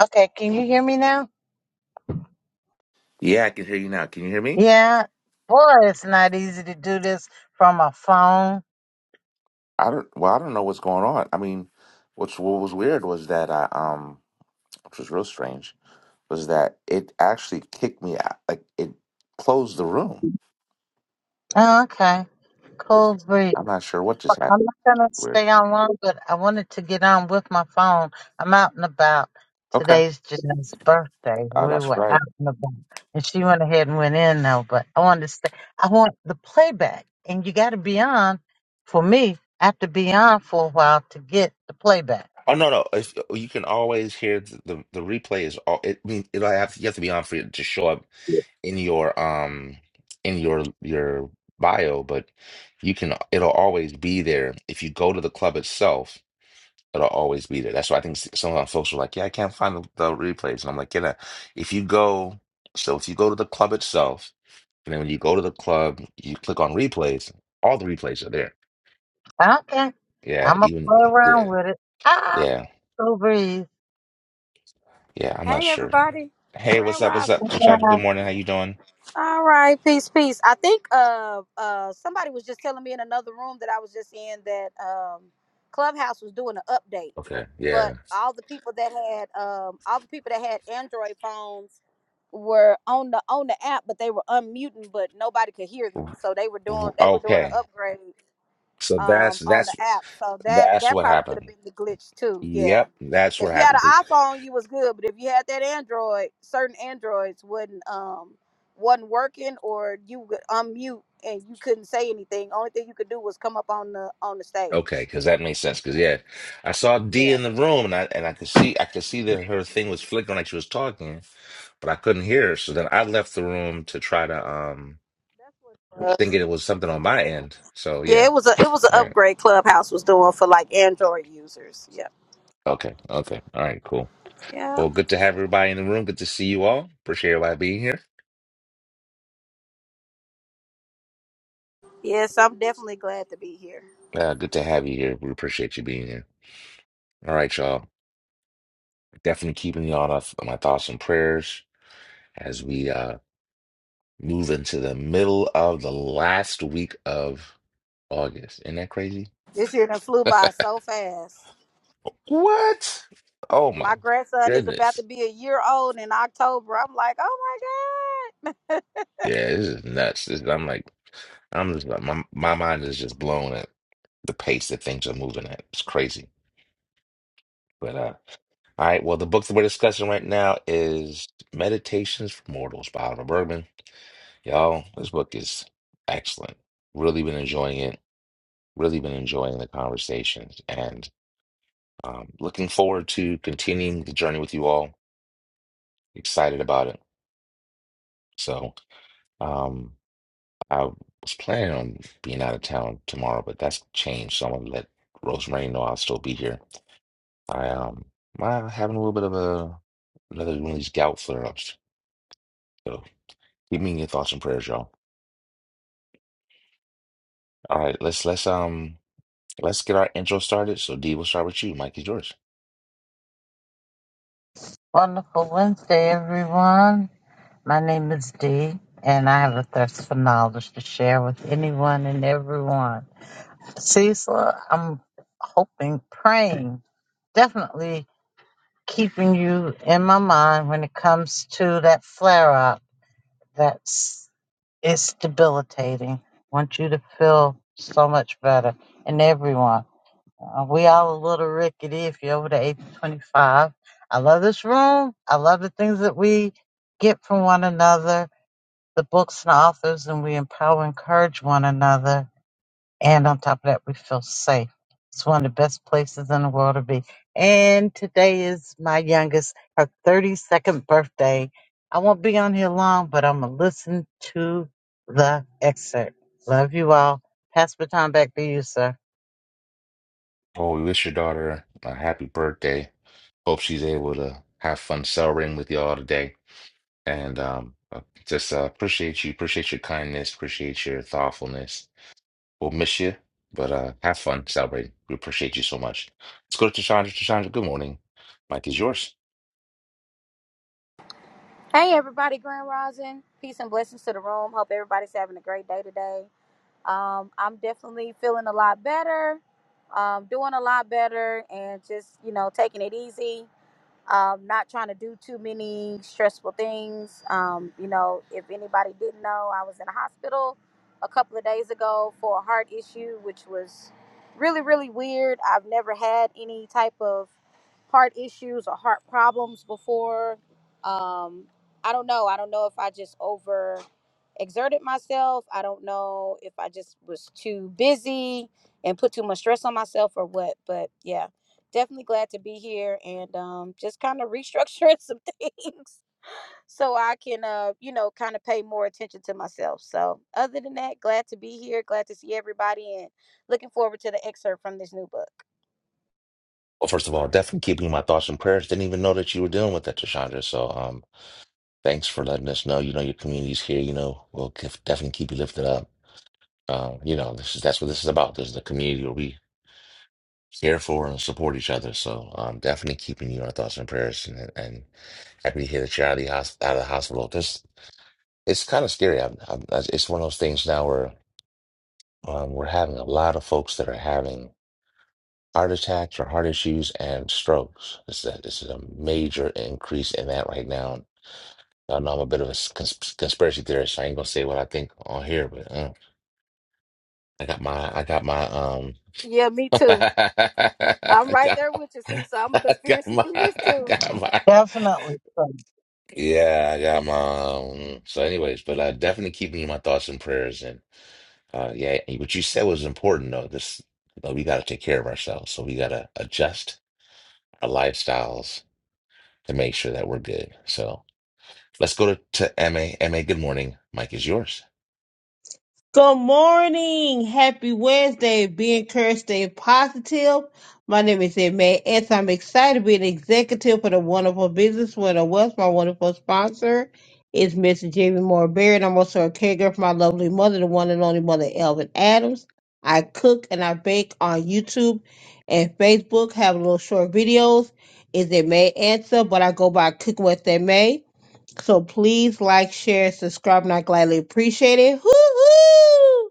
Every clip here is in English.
Okay, can you hear me now? Yeah, I can hear you now. Can you hear me? Yeah. Boy, it's not easy to do this from a phone. I don't. Well, I don't know what's going on. I mean, what's what was weird was that I um, which was real strange, was that it actually kicked me out. Like it closed the room. Oh, okay. Was- Cool breeze. I'm not sure what just I'm happened. not gonna Weird. stay on long, but I wanted to get on with my phone. I'm out and about. Okay. Today's Jeanette's birthday. Oh, We that's were right. out and about, and she went ahead and went in though. But I wanted to stay. I want the playback, and you got to be on. For me, I have to be on for a while to get the playback. Oh no, no. If you can always hear the the, the replay is all. It I mean it'll have you have to be on for it to show up in your um in your your bio, but you can it'll always be there if you go to the club itself It'll always be there. That's why I think s- sometimes folks are like, "Yeah, I can't find the, the replays," and I'm like, "Yeah, if you go, so if you go to the club itself, and then when you go to the club, you click on replays. All the replays are there. Okay. Yeah, I'm going to even play around yeah, with it. Ah, yeah, Cool Breeze. yeah. I'm not Hey sure. everybody, Hey, what's Grand up? What's Rising. up, Chachacha? Good Have a morning. How you doing? All right, peace, peace. I think uh uh somebody was just telling me in another room that I was just in that um Clubhouse was doing an update, Okay, but yeah. all the people that had um all the people that had Android phones were on the on the app, but they were unmuting, but nobody could hear them, R- so they were doing r- they were doing an Okay, upgrade so that's um on the that's app. So that that's that what probably could have happened. been the glitch too. Yeah. Yep, that's what If you had happened an iPhone, you was good, but if you had that Android, certain Androids wouldn't um wasn't working or you would unmute and you couldn't say anything. Only thing you could do was come up on the on the Okay, stage. because that makes sense. Because yeah, I saw D Yeah. in the room, and I and I could see I could see that her thing was flickering like she was talking, but I couldn't hear her. So then I left the room to try to yeah, um that's Us. thinking it was something on my end. So Yeah, yeah, it was a it was an all right, upgrade Clubhouse was doing for like Android users. Yeah, okay, okay, all right, cool. Yeah. Well, good to have everybody in the room. Good to see you all. Appreciate everybody being here. Yes, I'm definitely glad to be here. Uh, good to have you here. We appreciate you being here. All right, y'all. Definitely keeping y'all on my thoughts and prayers as we uh move into the middle of the last week of. August. Isn't that crazy? This year done flew by so fast. What? Oh my My grandson is about goodness. to be a year old in October. I'm like, oh my God. Yeah, this is nuts. This, I'm like, I'm just like, my, my mind is just blown at the pace that things are moving at. It's crazy. But, uh, all right. Well, the book that we're discussing right now is Meditations for Mortals by Oliver Bergman. Y'all, this book is excellent. Really been enjoying it. Really been enjoying the conversations and um, looking forward to continuing the journey with you all. Excited about it. So, um, I was planning on being out of town tomorrow, but that's changed. So I'm gonna let Rosemary know I'll still be here. I um, I'm having a little bit of a another one of these gout flare-ups. So keep me in your thoughts and prayers, y'all. All right, let's let's um let's get our intro started. So Dee, we'll start with you. Mike is yours. Wonderful Wednesday, everyone. My name is Dee, and I have a thirst for knowledge to share with anyone and everyone. Cecil, I'm hoping, praying, definitely keeping you in my mind when it comes to that flare up. That's it's debilitating. want you to feel so much better, and everyone. Uh, we all a little rickety if you're over the age of 25. I love this room. I love the things that we get from one another, the books and authors, and we empower, and encourage one another. And on top of that, we feel safe. It's one of the best places in the world to be. And today is my youngest, her 32nd birthday. I won't be on here long, but I'm going to listen to the excerpt. Love you all. Pass the time back to you, sir. Oh, we wish your daughter a happy birthday. Hope she's able to have fun celebrating with y'all today. And um, uh, just uh, appreciate you, appreciate your kindness, appreciate your thoughtfulness We'll miss you, but uh, have fun celebrating. We appreciate you so much. Let's go to Tashandra. Tashandra, good morning. Mike is yours. hey, everybody, Grand Rising. Peace and blessings to the room. Hope everybody's having a great day today. Um, I'm definitely feeling a lot better, um, doing a lot better, and just, you know, taking it easy. um, not trying to do too many stressful things. Um, you know, if anybody didn't know, I was in a hospital a couple of days ago for a heart issue, which was really, really weird. I've never had any type of heart issues or heart problems before. Um, I don't know. I don't know if I just over exerted myself. I don't know if I just was too busy and put too much stress on myself or what. But yeah definitely glad to be here and um, just kind of restructuring some things so I can, uh, you know, kind of pay more attention to myself. So, other than that, glad to be here, glad to see everybody, and looking forward to the excerpt from this new book. Well, first of all, definitely keeping my thoughts and prayers. Didn't even know that you were dealing with that, Tashandra. So um, thanks for letting us know. You know, your community's here. You know, we'll kef- definitely keep you lifted up. Um, you know, this is that's what this is about. This is the community where we care for and support each other. So um, definitely keeping you in our thoughts and prayers. And, and happy to hear that you're out of the, hos- out of the hospital. This, it's kind of scary. I've, I've, it's one of those things now where Um, we're having a lot of folks that are having heart attacks or heart issues and strokes. This is a, this is a major increase in that right now. I know I'm a bit of a s- cons- conspiracy theorist. So I ain't gonna say what I think on here, but uh, I got my, I got my, um, Yeah, me too. I'm I right got, there with you. See, so I'm a I got conspiracy my, theorist I too. got my, Definitely. sir. yeah, I got my. Um, so, anyways, but uh, definitely keeping my thoughts and prayers, and uh, yeah, what you said was important though. This, you know, we got to take care of ourselves, so we got to adjust our lifestyles to make sure that we're good. So let's go to, to M A M A. good morning. Mike is yours. Good morning. Happy Wednesday. Be encouraged, stay positive. My name is Emma S. I'm excited to be an executive for the wonderful business winner West. My wonderful sponsor is Mr. Jamie Moore Barrett. I'm also a caregiver for my lovely mother, the one and only mother, Elvin Adams. I cook and I bake on YouTube and Facebook, have little short videos. Is it May Answer? But I go by Cooking with May. So please like, share, subscribe, and I gladly appreciate it. Hoo-hoo!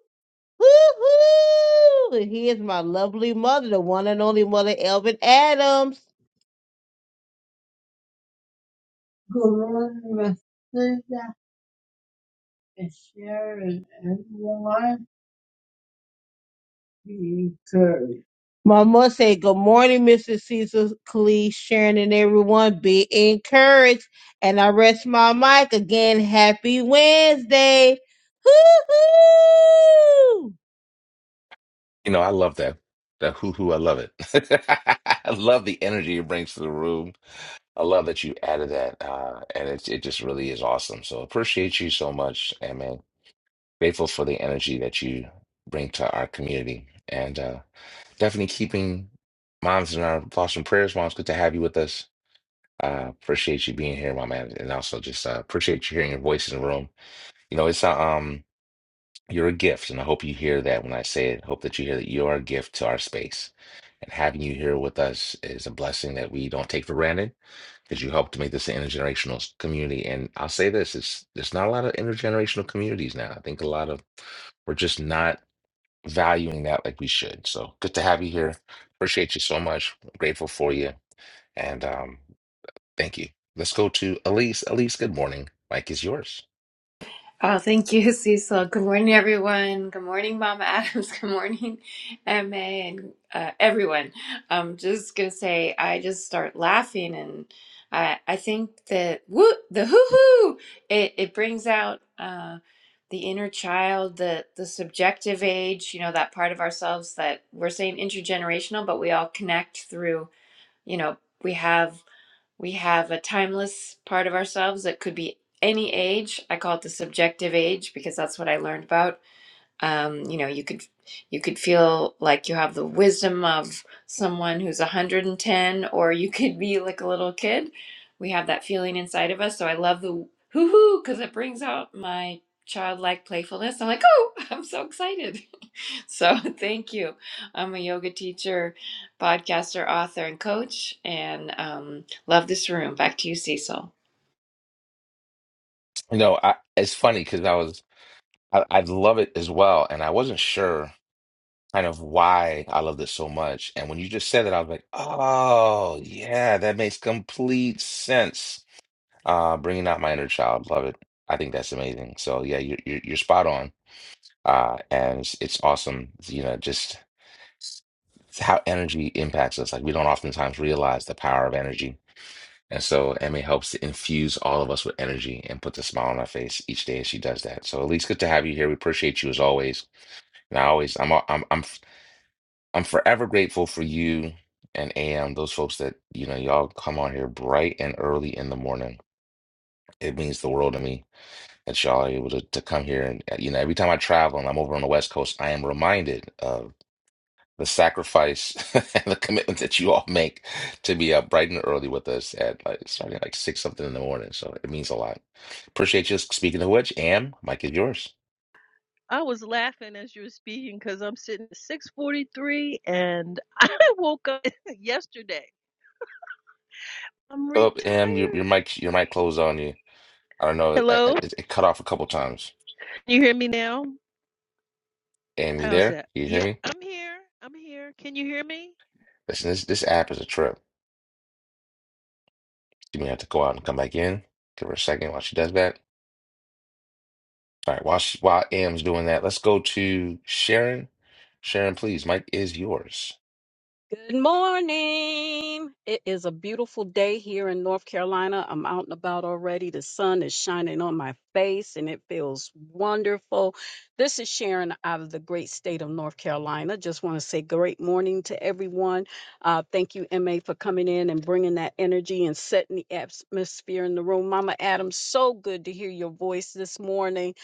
Hoo-hoo! And Here's my lovely mother, the one and only mother, Elvin Adams. Good morning, Mr. sister, and Sharon, and everyone be encouraged. My mother said, Good morning, Mrs. Cecil Clee, Sharon, and everyone. Be encouraged. And I rest my mic again. Happy Wednesday. Hoo hoo! You know, I love that. That hoo hoo, I love it. I love the energy it brings to the room. I love that you added that. Uh, and it, it just really is awesome. So appreciate you so much, MA. Grateful for the energy that you bring to our community. And uh, definitely keeping moms in our thoughts and prayers. Moms, good to have you with us. Uh, appreciate you being here, my man. And also just uh, appreciate you hearing your voice in the room You know, it's a, um, you're a gift, and I hope you hear that when I say it. Hope that you hear that you are a gift to our space, and having you here with us is a blessing that we don't take for granted because you helped to make this an intergenerational s- community. And I'll say this: it's there's not a lot of intergenerational communities now. I think a lot of we're just not valuing that like we should. So good to have you here. Appreciate you so much. Grateful for you, and um, thank you. Let's go to Elise. Elise, good morning. Mike is yours. Oh, thank you, Cecil. Good morning, everyone. Good morning, Mama Adams. Good morning, MA, and uh, everyone. I'm just gonna say, I just start laughing, and I I think that woo the hoo hoo it it brings out uh, the inner child, the the subjective age, you know, that part of ourselves that we're saying intergenerational, but we all connect through, you know, we have. We have a timeless part of ourselves that could be any age. I call it the subjective age because that's what I learned about um, you know you could you could feel like you have the wisdom of someone who's 110 or you could be like a little kid we have that feeling inside of us so i love the hoo hoo because it brings out my childlike playfulness i'm like oh i'm so excited so thank you i'm a yoga teacher podcaster author and coach and um, love this room back to you cecil No, I, it's funny because I was. I, I love it as well. And I wasn't sure kind of why I loved it so much. And when you just said that, I was like, oh, yeah, that makes complete sense. Uh, bringing out my inner child. Love it. I think that's amazing. So, yeah, you're, you're, you're spot on. Uh, and it's, it's awesome, you know, just how energy impacts us. Like, we don't oftentimes realize the power of energy. And so, Emmy helps to infuse all of us with energy and puts a smile on our face each day as she does that. So, Elise, good to have you here. We appreciate you as always. And I always, I'm, al- I'm, I'm, f- I'm forever grateful for you and AM, those folks that, you know, y'all come on here bright and early in the morning. It means the world to me that y'all are able to, to come here. And, uh, you know, every time I travel and I'm over on the West Coast, I am reminded of the sacrifice and the commitment that you all make to be up bright and early with us at like starting at like six something in the morning. So it means a lot. Appreciate you. Speaking of which, AM, mic is yours. I was laughing as you were speaking because I'm sitting at 6:43 and I woke up yesterday. I'm Oh, AM, your, your retired. mic, your mic closed on you. I don't know. I, I, Hello, can it, it cut off a couple times. you hear me now? Am you How's there? that? Can you hear Yeah, me? I'm here. I'm here. Can you hear me? Listen, this this app is a trip. You may have to go out and come back in. Give her a second while she does that. All right, while she, while Am's doing that, let's go to Sharon. Sharon, please, Mike is yours. Good morning. It is a beautiful day here in North Carolina. I'm out and about already. The sun is shining on my face and it feels wonderful. This is Sharon out of the great state of North Carolina. Just want to say great morning to everyone. Uh, thank you, MA, for coming in and bringing that energy and setting the atmosphere in the room. Mama Adam, so good to hear your voice this morning.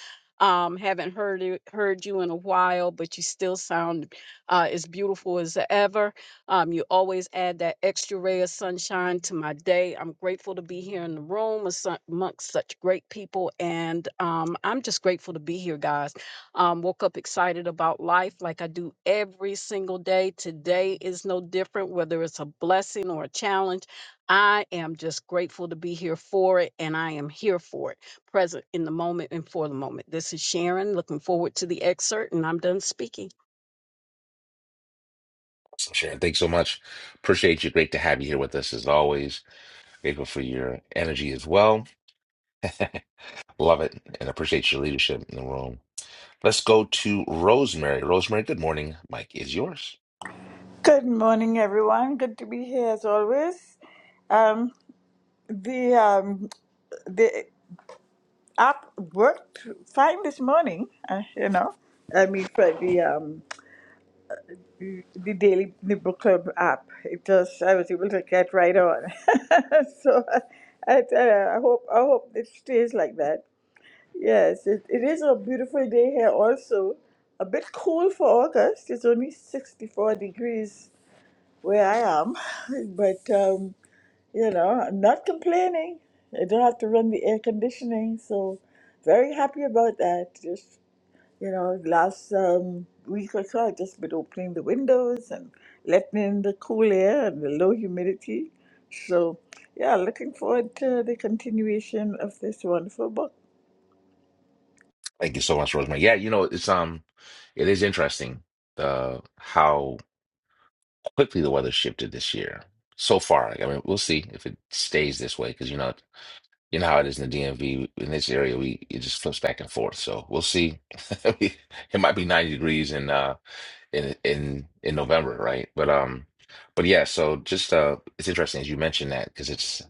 Um, haven't heard it- heard you in a while, but you still sound uh, as beautiful as ever. Um, you always add that extra ray of sunshine to my day. I'm grateful to be here in the room with su- amongst such great people. And um, I'm just grateful to be here, guys. Um, woke up excited about life like I do every single day. Today is no different, whether it's a blessing or a challenge. I am just grateful to be here for it, and I am here for it, present in the moment and for the moment. This is Sharon, looking forward to the excerpt, and I'm done speaking. Awesome, Sharon, thanks so much. Appreciate you. Great to have you here with us as always. Grateful for your energy as well. Love it and appreciate your leadership in the room. Let's go to Rosemary. Rosemary, good morning. Mike is yours. Good morning, everyone. Good to be here as always. Um, the um, the app worked fine this morning. Uh, you know, I mean for the um, the daily the book club app, it just I was able to get right on. so I, I, tell you, I hope I hope it stays like that. Yes, it, it is a beautiful day here. Also, a bit cool for August. It's only sixty four degrees where I am, but. Um, You know, I'm not complaining. I don't have to run the air conditioning, so very happy about that. Just you know, last um, week or so, I've just been opening the windows and letting in the cool air and the low humidity. So yeah, looking forward to the continuation of this wonderful book. Thank you so much, Rosemary. Yeah, you know, it's um, it is interesting uh how quickly the weather shifted this year so far. like, I mean, we'll see if it stays this way because you know, you know how it is in the DMV in this area. We it just flips back and forth, so we'll see. It might be 90 degrees in uh in in in November, right? But um, but yeah. So just uh, it's interesting as you mentioned that because it's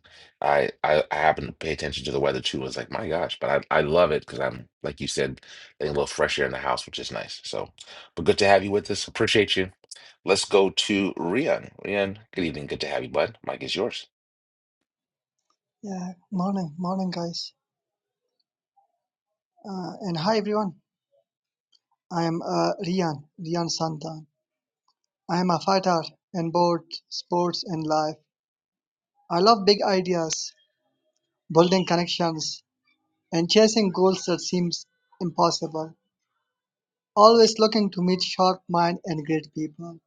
I, I I happen to pay attention to the weather too. It's like my gosh, but I I love it because I'm like you said, getting a little fresh air in the house, which is nice. So, but good to have you with us. Appreciate you. Let's go to Rian. Rian, good evening. Good to have you, bud. Mike is yours. Yeah, morning, morning, guys, uh, and hi everyone. I am uh, Rian, Rian Santan. I am a fighter in both sports and life. I love big ideas, building connections, and chasing goals that seems impossible. Always looking to meet sharp mind and great people.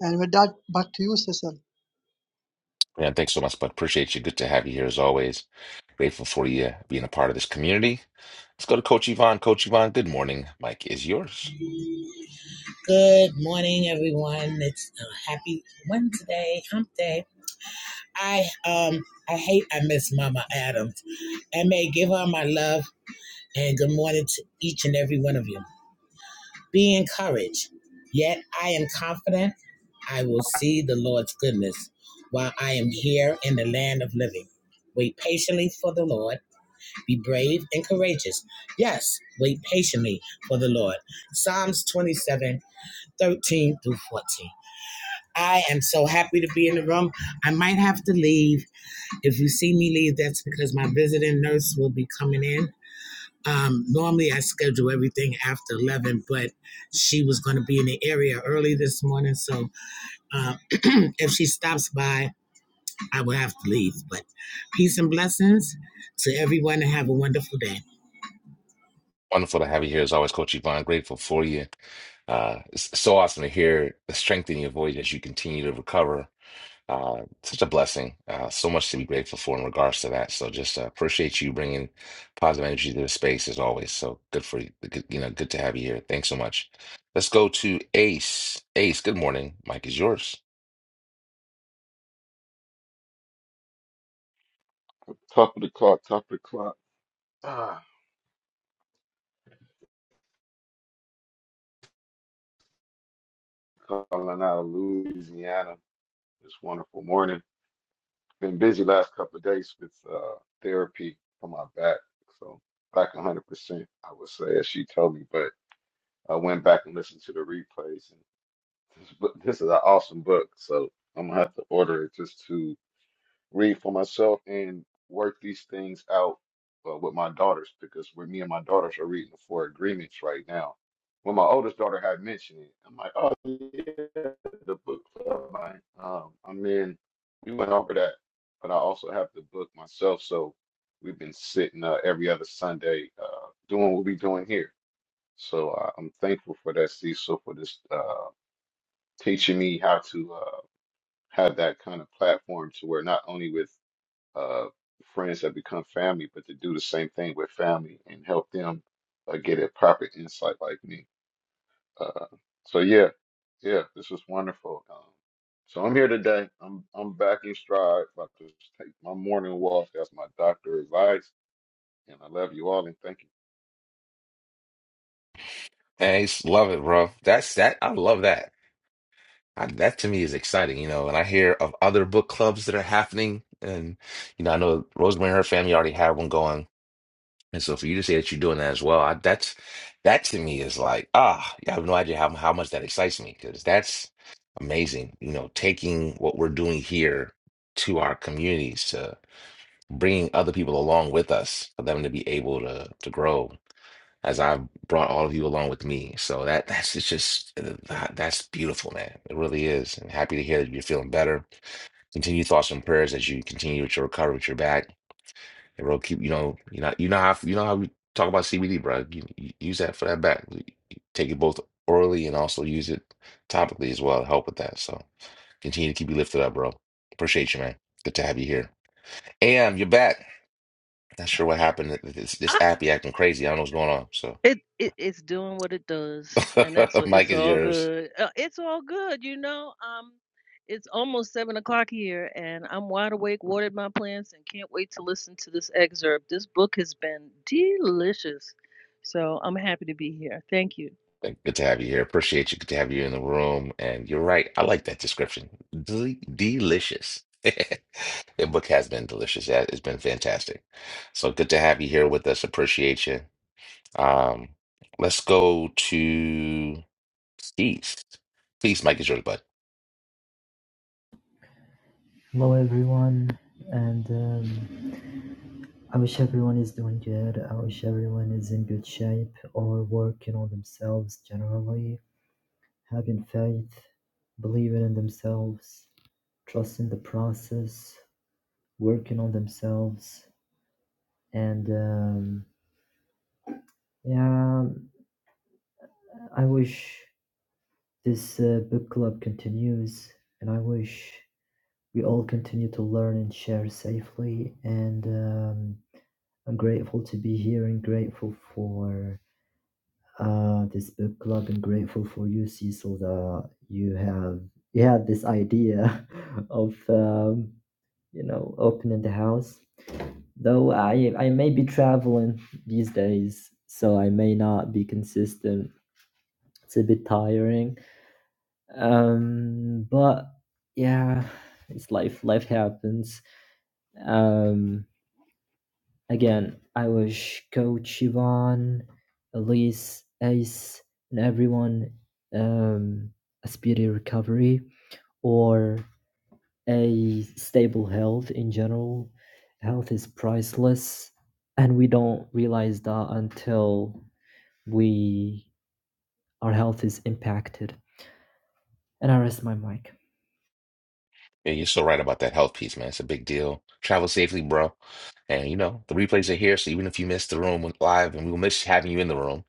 And with that, back to you, Cecil. Rian, thanks so much, bud. Appreciate you. Good to have you here as always. Grateful for you being a part of this community. Let's go to Coach Yvonne. Coach Yvonne, good morning. Mike is yours. Good morning, everyone. It's a happy Wednesday, hump day. I um I hate I miss Mama Adams. And may give her my love and good morning to each and every one of you. Be encouraged. Yet I am confident I will see the Lord's goodness while I am here in the land of living. Wait patiently for the Lord. Be brave and courageous. Yes, wait patiently for the Lord. Psalms 27 13 through 14. I am so happy to be in the room. I might have to leave. If you see me leave, that's because my visiting nurse will be coming in. Um, normally, I schedule everything after 11, but she was going to be in the area early this morning. So uh, if she stops by, I will have to leave. But peace and blessings to everyone and have a wonderful day. Wonderful to have you here as always, Coach Yvonne. Grateful for you. Uh, it's so awesome to hear the strength in your voice as you continue to recover. Uh, such a blessing. Uh, so much to be grateful for in regards to that. So just uh, appreciate you bringing positive energy to the space as always. So good for you. Good, you know, good to have you here. Thanks so much. Let's go to Ace. Ace, good morning. Mike is yours. Top of the clock, top of the clock. Ah, calling out of Louisiana this wonderful morning. Been busy last couple of days with uh, therapy for my back, so back 100%, I would say, as she told me. But I went back and listened to the replays. And this, book- this is an awesome book, so I'm gonna have to order it just to read for myself and work these things out uh, with my daughters because where me and my daughters are reading the four agreements right now. When my oldest daughter had mentioned it, I'm like, oh yeah, the book club. I, um, I'm in. We went over that, but I also have the book myself, so we've been sitting uh, every other Sunday uh, doing what we're doing here. So uh, I'm thankful for that, Cecil, for this uh, teaching me how to uh, have that kind of platform to where not only with uh, friends that become family, but to do the same thing with family and help them uh, get a proper insight like me. Uh, so yeah, yeah, this was wonderful. Um, so I'm here today. I'm I'm back in stride. About to take my morning walk. That's my doctor advice, and I love you all and thank you. Ace, love it, bro. That's that. I love that. I, that to me is exciting, you know. And I hear of other book clubs that are happening, and you know, I know Rosemary and her family already have one going, and so for you to say that you're doing that as well, I, that's that to me is like ah, I have no idea how how much that excites me because that's amazing, you know, taking what we're doing here to our communities to bringing other people along with us for them to be able to to grow as I've brought all of you along with me. So that that's it's just uh, that- that's beautiful, man. It really is. And happy to hear that you're feeling better. Continue thoughts and prayers as you continue with your recovery with your back. And we'll keep you know you know you know how you know how we talk about CBD, bro. You, you use that for that back. You- you Take it both orally and also use it topically as well to help with that. So continue to keep you lifted up, bro. Appreciate you, man. Good to have you here. Am, you're back. Not sure what happened. This this app be acting crazy. I don't know what's going on. It, it it's doing what it does, and that's So, Mike it's is all yours. good. Uh, It's all good, you know. Um, it's almost seven o'clock here, and I'm wide awake, watered my plants, and can't wait to listen to this excerpt. This book has been delicious, so I'm happy to be here. Thank you. Thank- Good to have you here. Appreciate you. Good to have you in the room. And you're right. I like that description. Del delicious. The book has been delicious. Yeah, It's been fantastic. So good to have you here with us. Appreciate you. Um, let's go to Feast. Feast, Mike is yours, bud. Hello everyone, and um, I wish everyone is doing good. I wish everyone is in good shape or working on themselves generally, having faith, believing in themselves, trusting the process, working on themselves, and um, yeah, I wish this uh, book club continues, and I wish we all continue to learn and share safely and. Um, I'm grateful to be here and grateful for uh, this book club and grateful for you, Cecil, that you have you had this idea of um, you know opening the house. Though I I may be traveling these days, so I may not be consistent. It's a bit tiring, um, but yeah, it's life. Life happens. Um, Again, I wish Coach Ivan, Elise, Ace, and everyone um, a speedy recovery or a stable health in general. Health is priceless, and we don't realize that until we our health is impacted. And I rest my mic. Yeah, you're so right about that health piece, man. It's a big deal. Travel safely, bro. And you know, the replays are here. So even if you missed the room live, and we will miss having you in the room,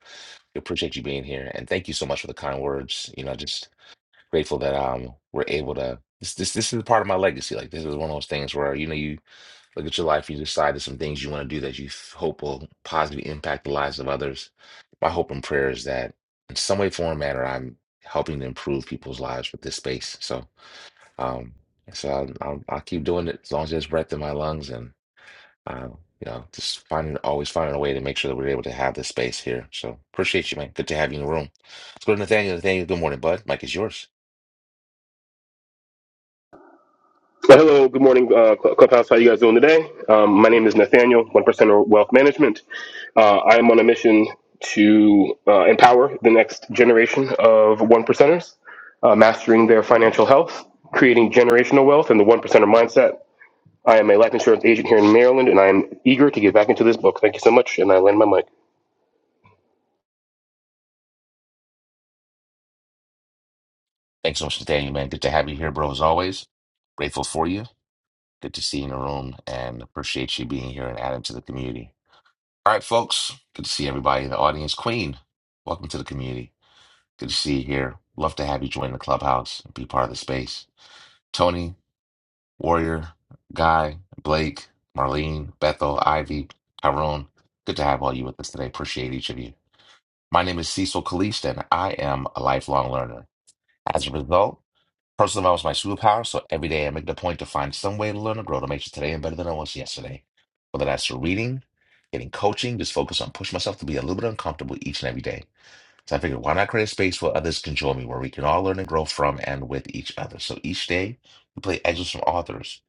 we appreciate you being here. And thank you so much for the kind words. You know, just grateful that um we're able to this this this is part of my legacy. Like this is one of those things where you know you look at your life, you decide there's some things you want to do that you f- hope will positively impact the lives of others. My hope and prayer is that in some way, form, or manner, I'm helping to improve people's lives with this space. So um so I'll I'll, I'll keep doing it as long as there's breath in my lungs and uh, you know just finding always finding a way to make sure that we're able to have this space here. So appreciate you, man. Good to have you in the room. Let's go to Nathaniel. Nathaniel, good morning, bud. Mike is yours. Well, hello, good morning, uh, Cl- Clubhouse. How you guys doing today? Um, my name is Nathaniel, one percenter wealth management. Uh, I am on a mission to uh, empower the next generation of one percenters, uh, mastering their financial health, creating generational wealth, and the one percenter mindset. I am a life insurance agent here in Maryland, and I am eager to get back into this book. Thank you so much, and I land my mic. Thanks so much for staying, man. Good to have you here, bro, as always. Grateful for you. Good to see you in the room and appreciate you being here and adding to the community. All right, folks. Good to see everybody in the audience. Queen, welcome to the community. Good to see you here. Love to have you join the clubhouse and be part of the space. Tony, Warrior, Guy, Blake, Marlene, Bethel, Ivy, Tyrone. Good to have all you with us today. Appreciate each of you. My name is Cecil Kalist, and I am a lifelong learner. As a result, Personal development is my superpower, so every day I make it a point to find some way to learn and grow to make sure today I'm better than I was yesterday. Whether that's through reading, getting coaching, just focus on pushing myself to be a little bit uncomfortable each and every day. So I figured, why not create a space where others can join me, where we can all learn and grow from and with each other. So each day we play excerpts from authors.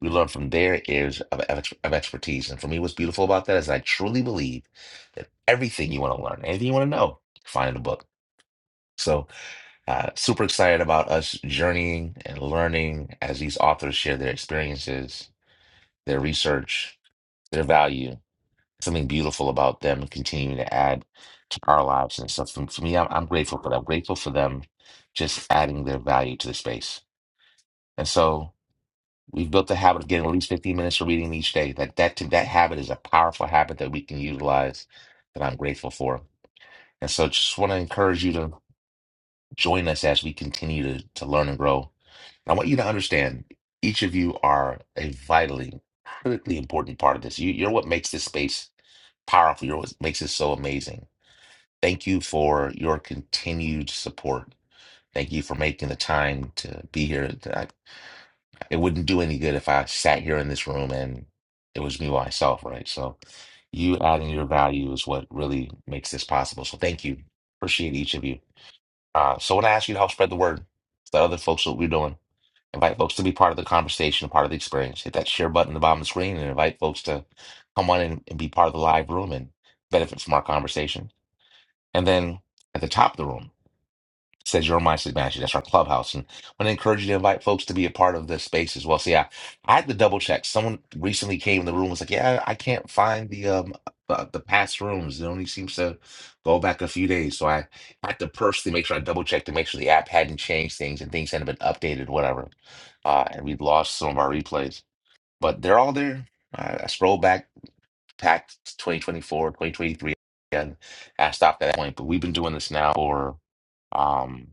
We learn from their areas of, ex- of expertise. And for me, what's beautiful about that is I truly believe that everything you want to learn, anything you want to know, find in a book. So uh, super excited about us journeying and learning as these authors share their experiences, their research, their value, something beautiful about them and continuing to add to our lives and stuff. For, for me, I'm, I'm grateful for that. I'm grateful for them just adding their value to the space. And so we've built the habit of getting at least 15 minutes of reading each day. That, that, that habit is a powerful habit that we can utilize that I'm grateful for. And so just want to encourage you to join us as we continue to, to learn and grow I want you to understand each of you are a vitally, critically important part of this. You, you're what makes this space powerful. You're what makes it so amazing. Thank you for your continued support. Thank you for making the time to be here. I, it wouldn't do any good if I sat here in this room and it was me by myself, right? So, you adding your value is what really makes this possible. So, thank you. Appreciate each of you. Uh, so, when I ask you to help spread the word, the other folks, what we're doing. Invite folks to be part of the conversation, part of the experience. Hit that share button at the bottom of the screen and invite folks to come on in and be part of the live room and benefit from our conversation. And then at the top of the room, says your mindset mastery. That's our clubhouse, and I want to encourage you to invite folks to be a part of this space as well. See, I, I had to double check. Someone recently came in the room and was like, "Yeah, I can't find the um uh, the past rooms. It only seems to go back a few days." So I had to personally make sure I double checked to make sure the app hadn't changed things and things hadn't been updated, whatever. Uh, and we lost some of our replays, but they're all there. I, I scrolled back, packed 2024, and I stopped at that point. But we've been doing this now for um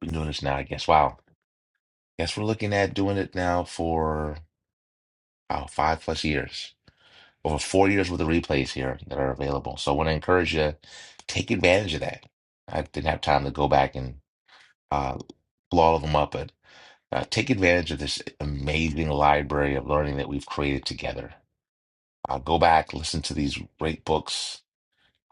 been doing this now, I guess. Wow. Guess we're looking at doing it now for wow, five plus years. Over four years with the replays here that are available. So I want to encourage you, take advantage of that. I didn't have time to go back and uh, pull all of them up, but uh, take advantage of this amazing library of learning that we've created together. Uh, go back, listen to these great books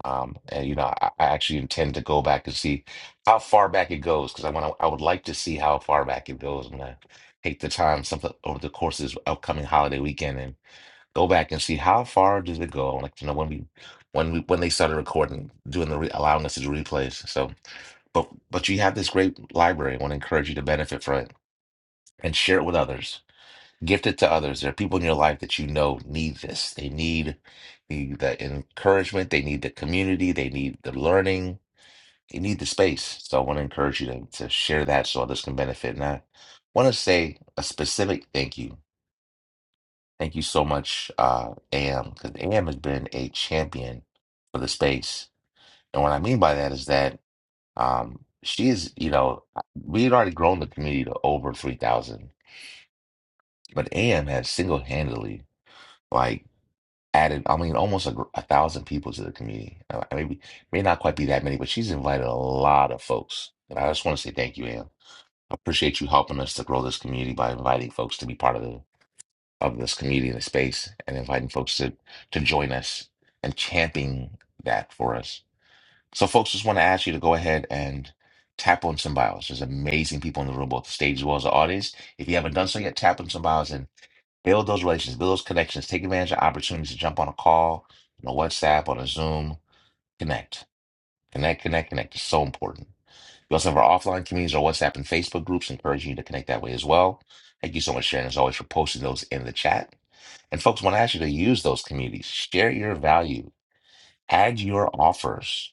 Um, and you know, I, I actually intend to go back and see how far back it goes because I want to, I would like to see how far back it goes. I'm gonna take the time something over the course of this upcoming holiday weekend and go back and see how far does it go. I'd like to know when we, when we, when they started recording, doing the re allowing us to do replays. So, but but you have this great library. I want to encourage you to benefit from it and share it with others Gift it to others. There are people in your life that you know need this. They need the, the encouragement. They need the community. They need the learning. They need the space. So I want to encourage you to, to share that so others can benefit. And I want to say a specific thank you. Thank you so much, uh, AM, because AM has been a champion for the space. And what I mean by that is that um, she is, you know, we had already grown the community to over 3,000, but AM has single handedly. like. added, I mean, almost a, gr- a thousand people to the community. Uh, maybe may not quite be that many, but she's invited a lot of folks. And I just want to say thank you, Ann. I appreciate you helping us to grow this community by inviting folks to be part of the of this community and the space, and inviting folks to to join us and championing that for us. So, folks, just want to ask you to go ahead and tap on some bios. There's amazing people in the room, both the stage as well as the audience. If you haven't done so yet, tap on some bios and. Build those relations, build those connections, take advantage of opportunities to jump on a call, on a WhatsApp, on a Zoom. Connect, connect, connect, connect. It's so important. We also have our offline communities, our WhatsApp and Facebook groups, encouraging you to connect that way as well. Thank you so much, Sharon, as always, for posting those in the chat. And folks, want to ask you to use those communities, share your value, add your offers.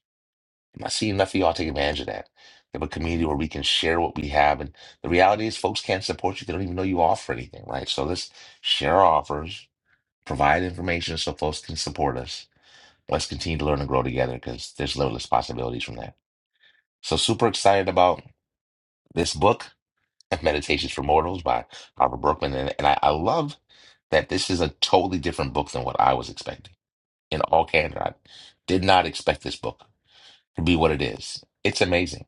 I am not seeing enough of y'all take advantage of that. We have a community where we can share what we have. And the reality is, folks can't support you. They don't even know you offer anything, right? So let's share our offers provide information so folks can support us. Let's continue to learn and grow together because there's limitless possibilities from that. So super excited about this book, Meditations for Mortals by Robert Brookman. And, and I, I love that this is a totally different book than what I was expecting. In all candor, I did not expect this book to be what it is. It's amazing.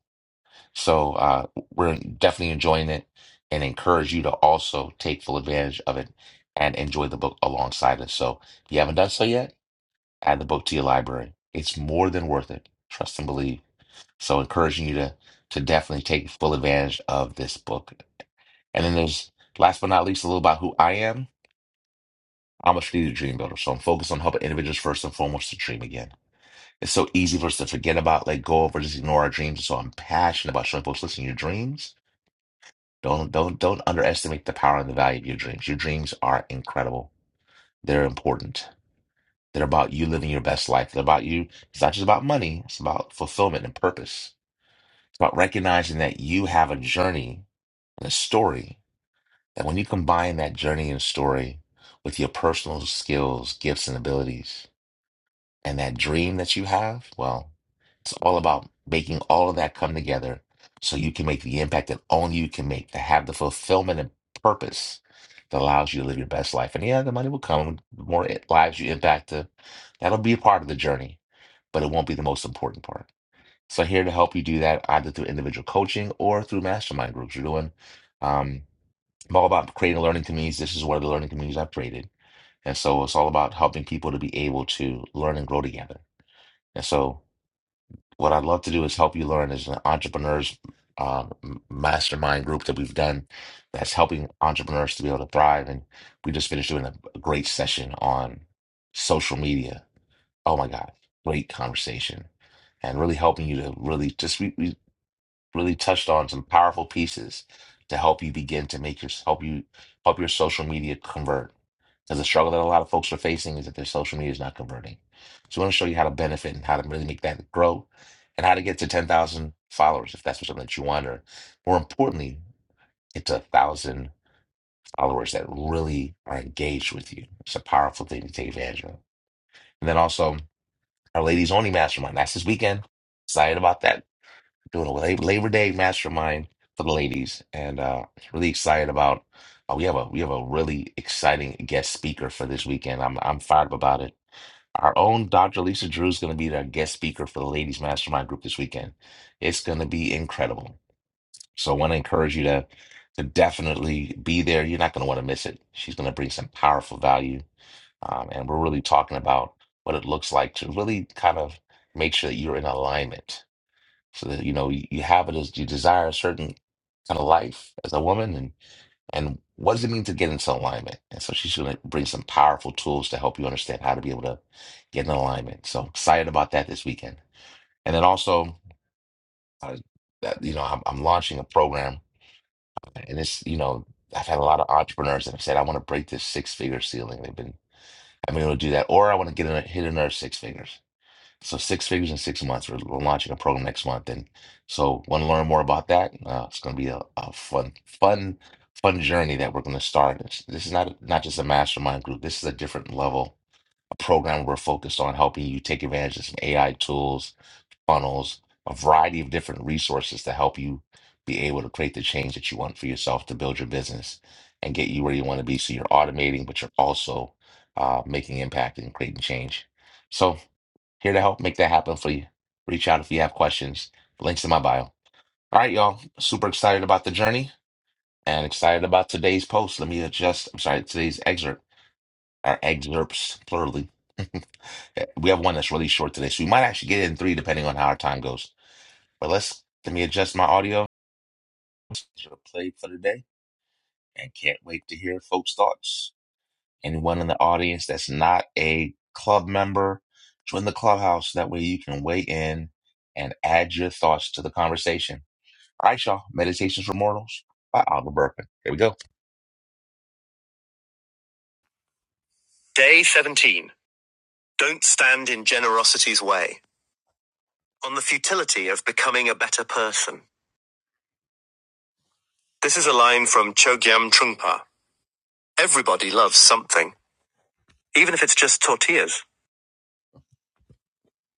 So uh, we're definitely enjoying it and encourage you to also take full advantage of it and enjoy the book alongside us. So if you haven't done so yet, add the book to your library. It's more than worth it. Trust and believe. So encouraging you to to definitely take full advantage of this book. And then there's last but not least a little about who I am. I'm a strategic dream builder, so I'm focused on helping individuals first and foremost to dream again. It's so easy for us to forget about, let go of, or just ignore our dreams. So I'm passionate about showing folks, listen, your dreams. Don't don't don't underestimate the power and the value of your dreams. Your dreams are incredible. They're important that are about you living your best life. That are about you. It's not just about money, it's about fulfillment and purpose. It's about recognizing that you have a journey and a story. And when you combine that journey and story with your personal skills, gifts, and abilities, and that dream that you have, well, it's all about making all of that come together so you can make the impact that only you can make, to have the fulfillment and purpose that allows you to live your best life. And yeah, the money will come, the more it- lives you impact, the, that'll be a part of the journey but it won't be the most important part. So here to help you do that either through individual coaching or through mastermind groups. You're doing um, I'm all about creating learning communities. This is one of the learning communities I've created. And so it's all about helping people to be able to learn and grow together. And so what I'd love to do is help you learn as an entrepreneurs um, m- mastermind group that we've done that's helping entrepreneurs to be able to thrive. And we just finished doing a a great session on social media Oh my God, great conversation. And really helping you to really just we, we really touched on some powerful pieces to help you begin to make your help you help your social media convert. Because the struggle that a lot of folks are facing is that their social media is not converting. So I want to show you how to benefit and how to really make that grow and how to get to 10,000 followers if that's something that you want. Or more importantly, it's a thousand followers that really are engaged with you. It's a powerful thing to take advantage of. And then also, our Ladies Only Mastermind. That's this weekend. Excited about that. Doing a Lab- Labor Day Mastermind for the ladies, and uh, really excited about. Uh, we have a we have a really exciting guest speaker for this weekend. I'm I'm fired up about it. Our own Dr. Lisa Drew is going to be our guest speaker for the Ladies Mastermind group this weekend. It's going to be incredible. So I want to encourage you to to definitely be there. You're not going to want to miss it. She's going to bring some powerful value um, and we're really talking about what it looks like to really kind of make sure that you're in alignment so that you know you, you have it as you desire a certain kind of life as a woman and and what does it mean to get into alignment and so she's going to bring some powerful tools to help you understand how to be able to get in alignment so excited about that this weekend and then also uh, that, you know I'm, I'm launching a program and it's you know i've had a lot of entrepreneurs that have said i want to break this six figure ceiling they've been i've been able to do that or i want to get in hit another six figures So six figures in six months. We're, we're launching a program next month, and so want to learn more about that. Uh, it's going to be a, a fun, fun, fun journey that we're going to start. It's- this is not not just a mastermind group. This is a different level, a program we're focused on helping you take advantage of some AI tools, funnels, a variety of different resources to help you be able to create the change that you want for yourself to build your business and get you where you want to be. So you're automating, but you're also uh, making impact and creating change. So. Here to help make that happen for you. Reach out if you have questions. Links in my bio. All right, y'all. Super excited about the journey and excited about today's post. Let me adjust. I'm sorry, today's excerpt or excerpts, plurally. we have one that's really short today, so we might actually get in three depending on how our time goes. But let's let me adjust my audio. Play for today, and can't wait to hear folks' thoughts. anyone in the audience that's not a club member, join the clubhouse. That way you can weigh in and add your thoughts to the conversation. All right, y'all. Meditations for Mortals by Oliver Burpin. Here we go. Day 17. Don't stand in generosity's way. On the futility of becoming a better person. This is a line from Chogyam Trungpa. Everybody loves something, even if it's just tortillas.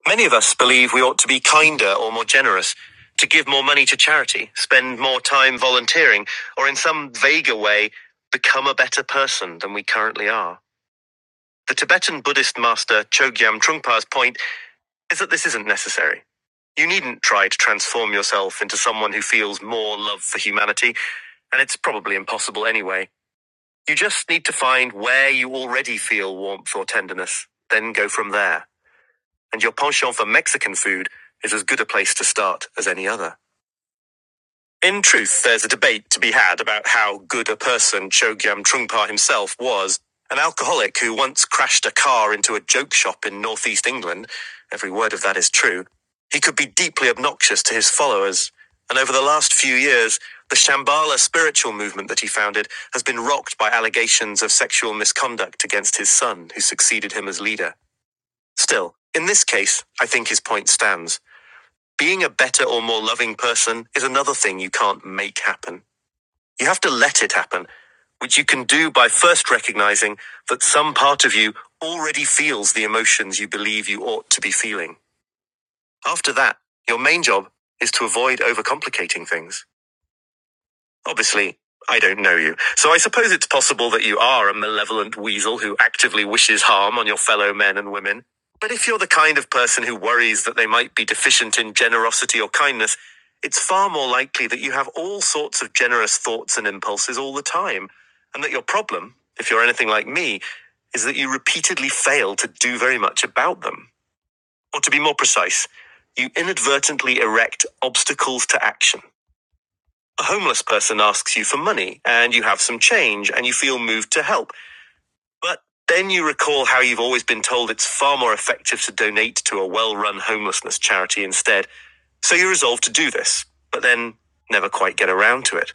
Many of us believe we ought to be kinder or more generous, to give more money to charity, spend more time volunteering, or in some vaguer way, become a better person than we currently are. The Tibetan Buddhist master Chogyam Trungpa's point is that this isn't necessary. You needn't try to transform yourself into someone who feels more love for humanity, and it's probably impossible anyway. You just need to find where you already feel warmth or tenderness, then go from there and your penchant for Mexican food is as good a place to start as any other. In truth, there's a debate to be had about how good a person Chogyam Trungpa himself was, an alcoholic who once crashed a car into a joke shop in northeast England. Every word of that is true. He could be deeply obnoxious to his followers, and over the last few years, the Shambhala spiritual movement that he founded has been rocked by allegations of sexual misconduct against his son, who succeeded him as leader. Still, in this case, I think his point stands. Being a better or more loving person is another thing you can't make happen. You have to let it happen, which you can do by first recognizing that some part of you already feels the emotions you believe you ought to be feeling. After that, your main job is to avoid overcomplicating things. Obviously, I don't know you, so I suppose it's possible that you are a malevolent weasel who actively wishes harm on your fellow men and women. But if you're the kind of person who worries that they might be deficient in generosity or kindness, it's far more likely that you have all sorts of generous thoughts and impulses all the time, and that your problem, if you're anything like me, is that you repeatedly fail to do very much about them. Or to be more precise, you inadvertently erect obstacles to action. A homeless person asks you for money and you have some change and you feel moved to help. But then you recall how you've always been told it's far more effective to donate to a well run homelessness charity instead. So you resolve to do this, but then never quite get around to it.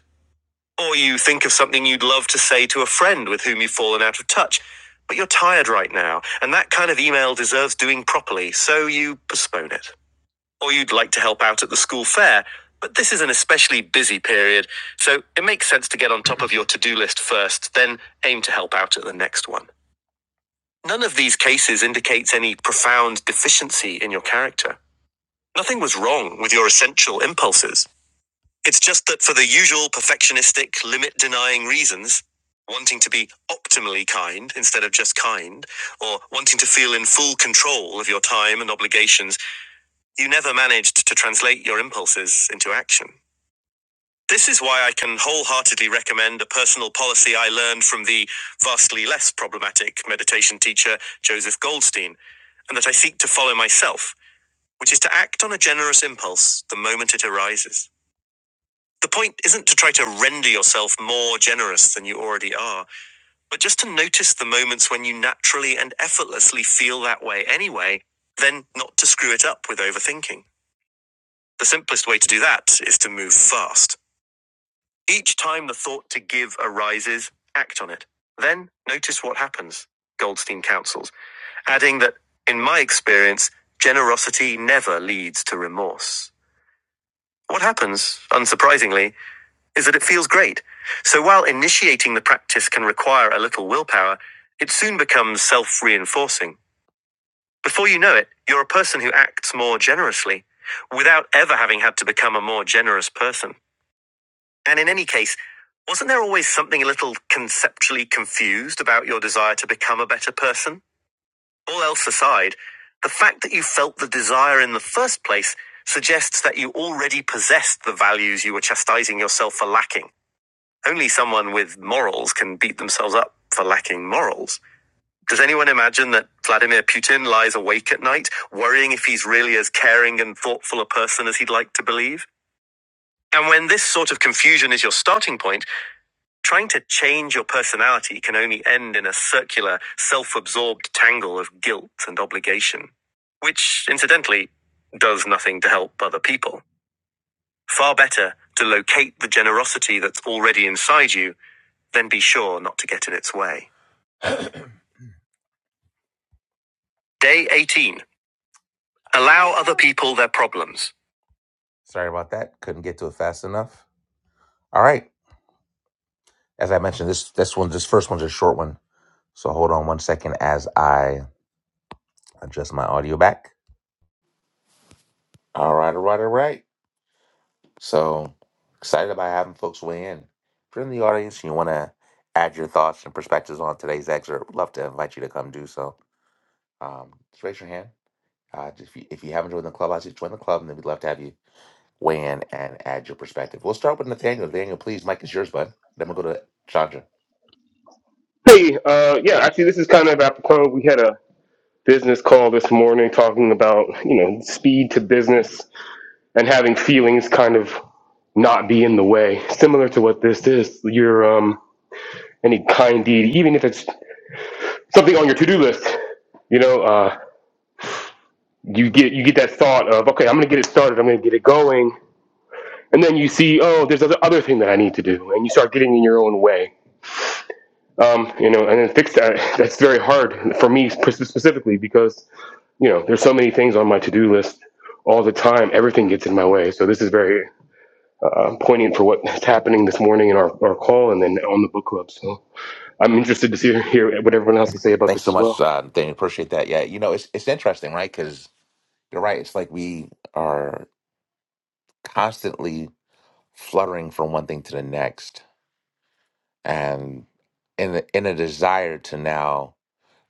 Or you think of something you'd love to say to a friend with whom you've fallen out of touch, but you're tired right now, and that kind of email deserves doing properly, so you postpone it or you'd like to help out at the school fair. But this is an especially busy period, so it makes sense to get on top of your to do list first, then aim to help out at the next one. None of these cases indicates any profound deficiency in your character. Nothing was wrong with your essential impulses. It's just that for the usual perfectionistic, limit denying reasons, wanting to be optimally kind instead of just kind, or wanting to feel in full control of your time and obligations you never managed to translate your impulses into action. This is why I can wholeheartedly recommend a personal policy I learned from the vastly less problematic meditation teacher Joseph Goldstein, and that I seek to follow myself, which is to act on a generous impulse the moment it arises. The point isn't to try to render yourself more generous than you already are, but just to notice the moments when you naturally and effortlessly feel that way anyway, then not to screw it up with overthinking. The simplest way to do that is to move fast. Each time the thought to give arises, act on it. Then notice what happens, Goldstein counsels, adding that, in my experience, generosity never leads to remorse. What happens, unsurprisingly, is that it feels great. So while initiating the practice can require a little willpower, it soon becomes self reinforcing. Before you know it, you're a person who acts more generously, without ever having had to become a more generous person. And in any case, wasn't there always something a little conceptually confused about your desire to become a better person? All else aside, the fact that you felt the desire in the first place suggests that you already possessed the values you were chastising yourself for lacking. Only someone with morals can beat themselves up for lacking morals. Does anyone imagine that Vladimir Putin lies awake at night, worrying if he's really as caring and thoughtful a person as he'd like to believe? And when this sort of confusion is your starting point, Trying to change your personality can only end in a circular, self absorbed tangle of guilt and obligation, which, incidentally, does nothing to help other people. Far better to locate the generosity that's already inside you than be sure not to get in its way. Day 18 Allow other people their problems. Sorry about that. Couldn't get to it fast enough. All right. As I mentioned, this, this one, this first one's a short one. So hold on one second as I adjust my audio back. All right, all right, all right. So excited about having folks weigh in. If you're in the audience and you want to add your thoughts and perspectives on today's excerpt, would love to invite you to come do so. Um, just raise your hand. Uh, if, you, if you haven't joined the club, I just join the club, and then we'd love to have you weigh in and add your perspective. We'll start with Nathaniel. Nathaniel, please, Mike is yours, bud. Then we'll go to Chandra. Hey, uh, yeah, actually, this is kind of apropos. We had a business call this morning talking about you know speed to business and having feelings kind of not be in the way. Similar to what this is, your um, any kind deed, even if it's something on your to-do list, you know, uh, you get you get that thought of, okay, I'm going to get it started, I'm going to get it going, and then you see, oh, there's other other thing that I need to do, and you start getting in your own way. Um, you know, and then fix that. That's very hard for me specifically because you know there's so many things on my to-do list all the time. Everything gets in my way. So this is very uh, poignant for what's happening this morning in our, our call and then on the book club. So I'm interested to see hear what everyone else can say about Thanks this so as much, well. uh, Nathaniel. Appreciate that. Yeah, you know, it's, it's interesting, right? Because you're right. It's like we are constantly fluttering from one thing to the next and in a, in a desire to now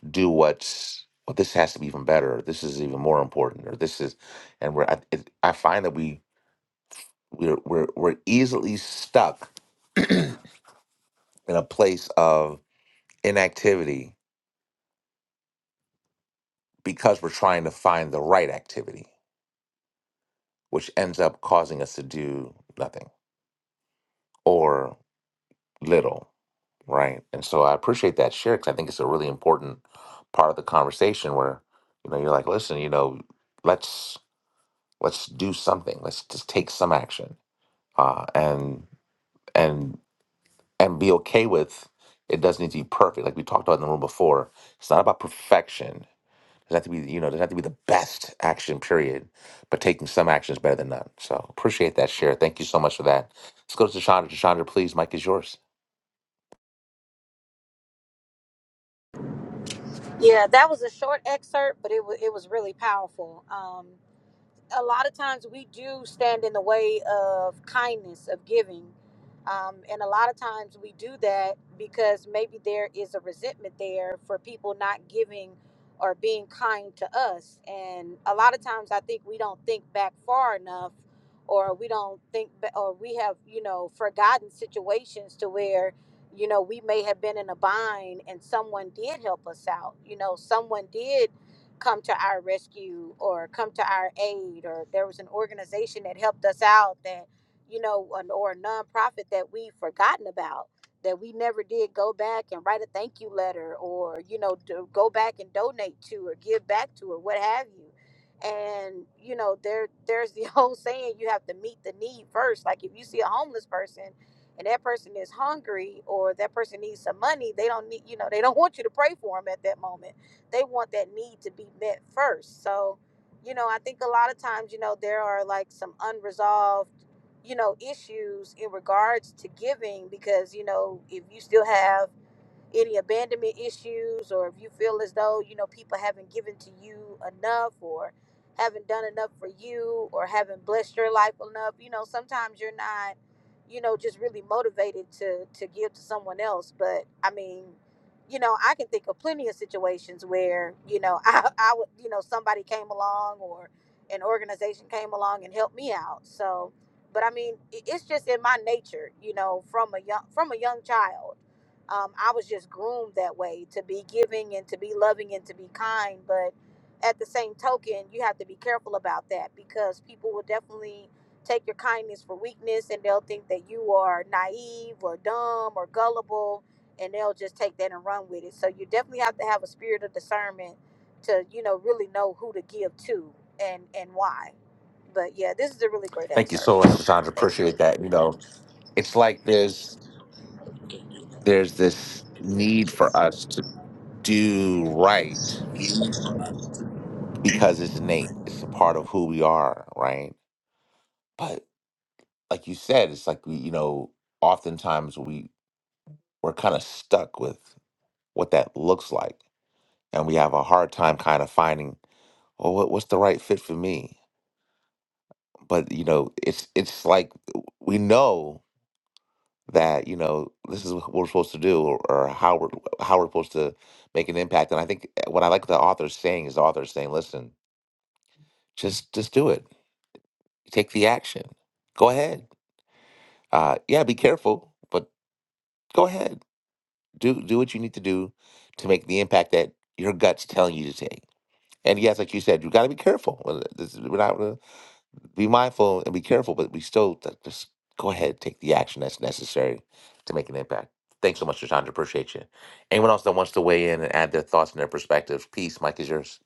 do what's well, this has to be even better. Or this is even more important, or this is, and we're I, it, I find that we we're, we're we're easily stuck in a place of inactivity because we're trying to find the right activity, which ends up causing us to do nothing or little, right? And so I appreciate that share because I think it's a really important part of the conversation where you know you're like, listen, you know, let's Let's do something. Let's just take some action, uh, and and and be okay with it. Doesn't need to be perfect, like we talked about in the room before. It's not about perfection. It doesn't have to be, you know, it doesn't have to be the best action period, but taking some action is better than none. So appreciate that share. Thank you so much for that. Let's go to Chandra. Chandra, please, Mike is yours. Yeah, that was a short excerpt, but it was it was really powerful. Um. a lot of times we do stand in the way of kindness of giving um, and a lot of times we do that because maybe there is a resentment there for people not giving or being kind to us and a lot of times i think we don't think back far enough or we don't think ba- or we have you know forgotten situations to where you know we may have been in a bind and someone did help us out you know someone did come to our rescue or come to our aid or there was an organization that helped us out that you know an, or a nonprofit that we've forgotten about that we never did go back and write a thank you letter or you know do, go back and donate to or give back to or what have you and you know there there's the whole saying you have to meet the need first like if you see a homeless person and that person is hungry or that person needs some money they don't need you know they don't want you to pray for them at that moment they want that need to be met first. So, you know, I think a lot of times, you know, there are like some unresolved, you know, issues in regards to giving because, you know, if you still have any abandonment issues or if you feel as though you know people haven't given to you enough or haven't done enough for you or haven't blessed your life enough you know sometimes you're not you know just really motivated to to give to someone else but i mean you know i can think of plenty of situations where you know i i would you know somebody came along or an organization came along and helped me out so but i mean it- it's just in my nature you know from a young from a young child um, I was just groomed that way to be giving and to be loving and to be kind. But at the same token, you have to be careful about that because people will definitely take your kindness for weakness and they'll think that you are naive or dumb or gullible and they'll just take that and run with it. So you definitely have to have a spirit of discernment to, you know, really know who to give to and and why. But yeah, this is a really great Thank you so excerpt. much, Chandra. Thank you. Appreciate that. You know, it's like there's there's this need for us to do right because it's innate. It's a part of who we are, right? But like you said, it's like we, you know, oftentimes we we're kind of stuck with what that looks like, and we have a hard time kind of finding, well, what, what's the right fit for me? But you know, it's it's like we know that you know this is what we're supposed to do, or, or how we're how we're supposed to make an impact. And I think eh, what I like the author's saying is the author's saying, listen, just just do it, take the action, go ahead uh, yeah, be careful, but go ahead. Do do what you need to do to make the impact that your gut's telling you to take. And yes, like you said, you got to be careful. Well, this- We're not gonna be mindful and be careful, but we still th- just go ahead take the action that's necessary to make an impact. Thanks so much, Chandra. Appreciate you. Anyone else that wants to weigh in and add their thoughts and their perspectives, peace. Mike is yours.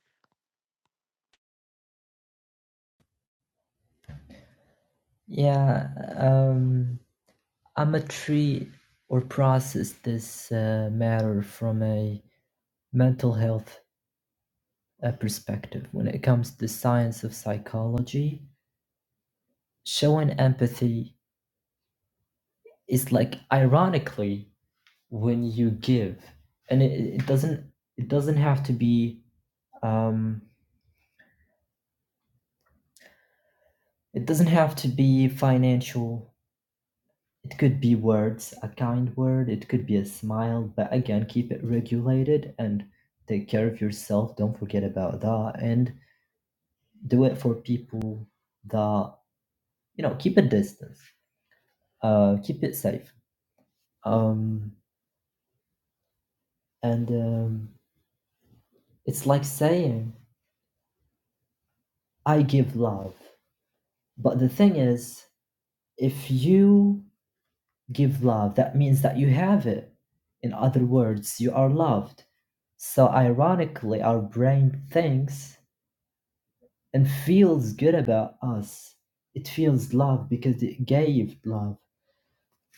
Yeah, um, I'm a tree or process this uh, matter from a mental health A perspective when it comes to the science of psychology showing empathy is like ironically when you give and it, it doesn't it doesn't have to be um it doesn't have to be financial it could be words a kind word it could be a smile but again keep it regulated and take care of yourself don't forget about that and do it for people that you know keep a distance uh keep it safe um And um, it's like saying, I give love. But the thing is, if you give love, that means that you have it. In other words, you are loved. So, ironically, our brain thinks and feels good about us. It feels love because it gave love.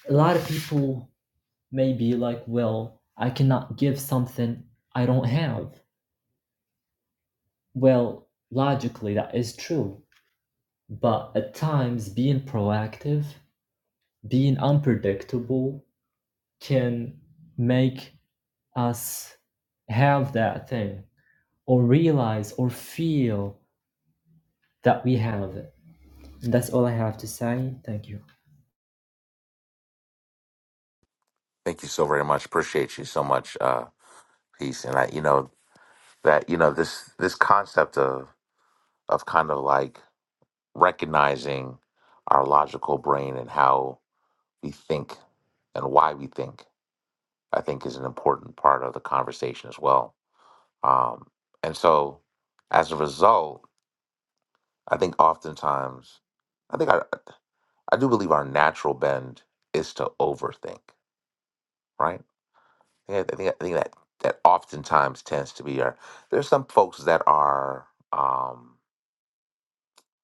A lot of people may be like, well, I cannot give something I don't have. Well, logically, that is true But at times, being proactive, being unpredictable can make us have that thing or realize or feel that we have it. And that's all I have to say. Thank you. Thank you so very much. Appreciate you so much. Uh, peace. And I, you know that you know this this concept of of kind of like recognizing our logical brain and how we think and why we think, I think is an important part of the conversation as well. Um, and so, as a result, I think oftentimes, I think I, I do believe our natural bend is to overthink, right? Yeah, I think I think that that oftentimes tends to be our. There's some folks that are, um,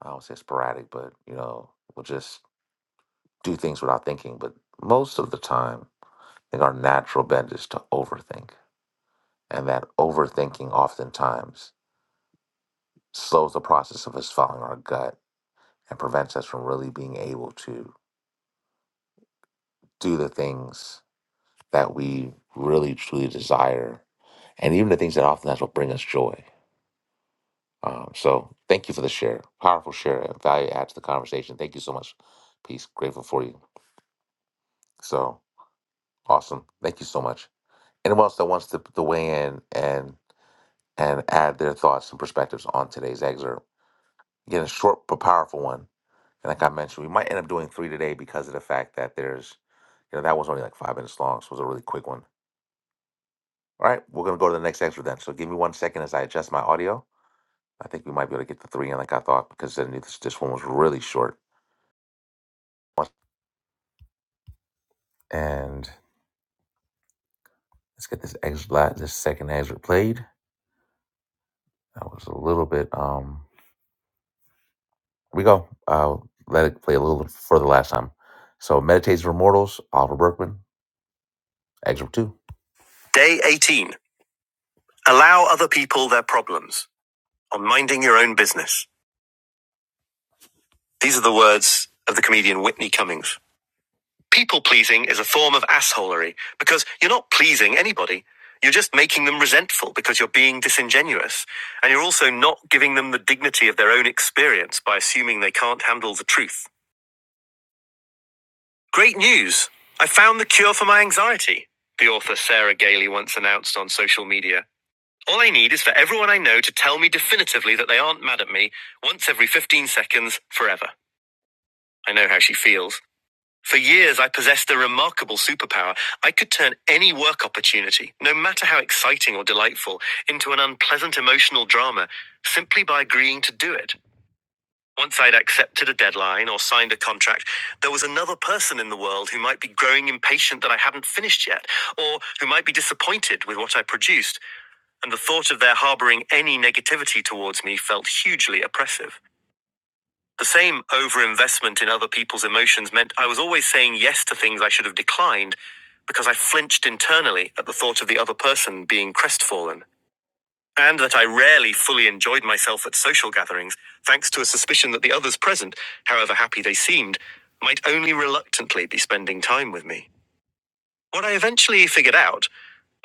I don't say sporadic, but you know, will just do things without thinking. But most of the time, I think our natural bent is to overthink. And that overthinking oftentimes slows the process of us following our gut and prevents us from really being able to do the things that we really truly desire and even the things that oftentimes will bring us joy. Um, so thank you for the share. Powerful share. Value add to the conversation. Thank you so much. Peace. Grateful for you. So awesome. Thank you so much. Anyone else that wants to, to weigh in and and add their thoughts and perspectives on today's excerpt. Again, a short but powerful one. And like I mentioned, we might end up doing three today because of the fact that there's, you know, that was only like five minutes long, so it was a really quick one. All right, we're gonna go to the next excerpt then. So give me one second as I adjust my audio. I think we might be able to get the three in like I thought because I knew this, this one was really short. And let's get this excerpt, this second excerpt played. That was a little bit. Um, here we go. I'll let it play a little bit for the last time. So, Meditates for Mortals, Oliver Berkman, Excerpt 2. Day 18. Allow other people their problems on minding your own business. These are the words of the comedian Whitney Cummings. People pleasing is a form of assholery because you're not pleasing anybody. You're just making them resentful because you're being disingenuous. And you're also not giving them the dignity of their own experience by assuming they can't handle the truth. Great news! I found the cure for my anxiety, the author Sarah Gailey once announced on social media. All I need is for everyone I know to tell me definitively that they aren't mad at me once every 15 seconds forever. I know how she feels. For years, I possessed a remarkable superpower. I could turn any work opportunity, no matter how exciting or delightful, into an unpleasant emotional drama simply by agreeing to do it. Once I'd accepted a deadline or signed a contract, there was another person in the world who might be growing impatient that I hadn't finished yet, or who might be disappointed with what I produced and the thought of their harboring any negativity towards me felt hugely oppressive. The same overinvestment in other people's emotions meant I was always saying yes to things I should have declined because I flinched internally at the thought of the other person being crestfallen, and that I rarely fully enjoyed myself at social gatherings, thanks to a suspicion that the others present, however happy they seemed, might only reluctantly be spending time with me. What I eventually figured out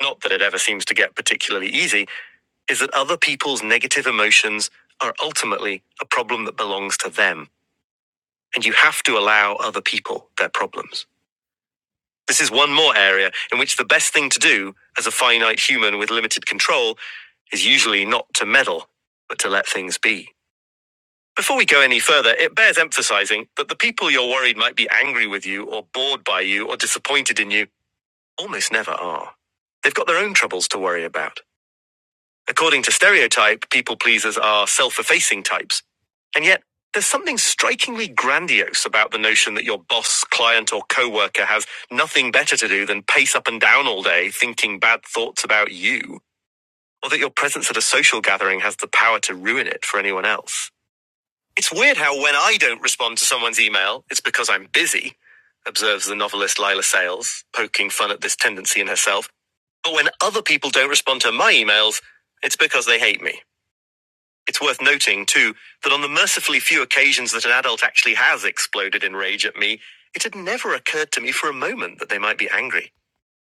not that it ever seems to get particularly easy, is that other people's negative emotions are ultimately a problem that belongs to them, and you have to allow other people their problems. This is one more area in which the best thing to do as a finite human with limited control is usually not to meddle, but to let things be. Before we go any further, it bears emphasizing that the people you're worried might be angry with you or bored by you or disappointed in you almost never are. They've got their own troubles to worry about. According to stereotype, people pleasers are self effacing types. And yet, there's something strikingly grandiose about the notion that your boss, client, or coworker has nothing better to do than pace up and down all day thinking bad thoughts about you, or that your presence at a social gathering has the power to ruin it for anyone else. It's weird how when I don't respond to someone's email, it's because I'm busy, observes the novelist Lila Sales, poking fun at this tendency in herself. But when other people don't respond to my emails, it's because they hate me. It's worth noting, too, that on the mercifully few occasions that an adult actually has exploded in rage at me, it had never occurred to me for a moment that they might be angry.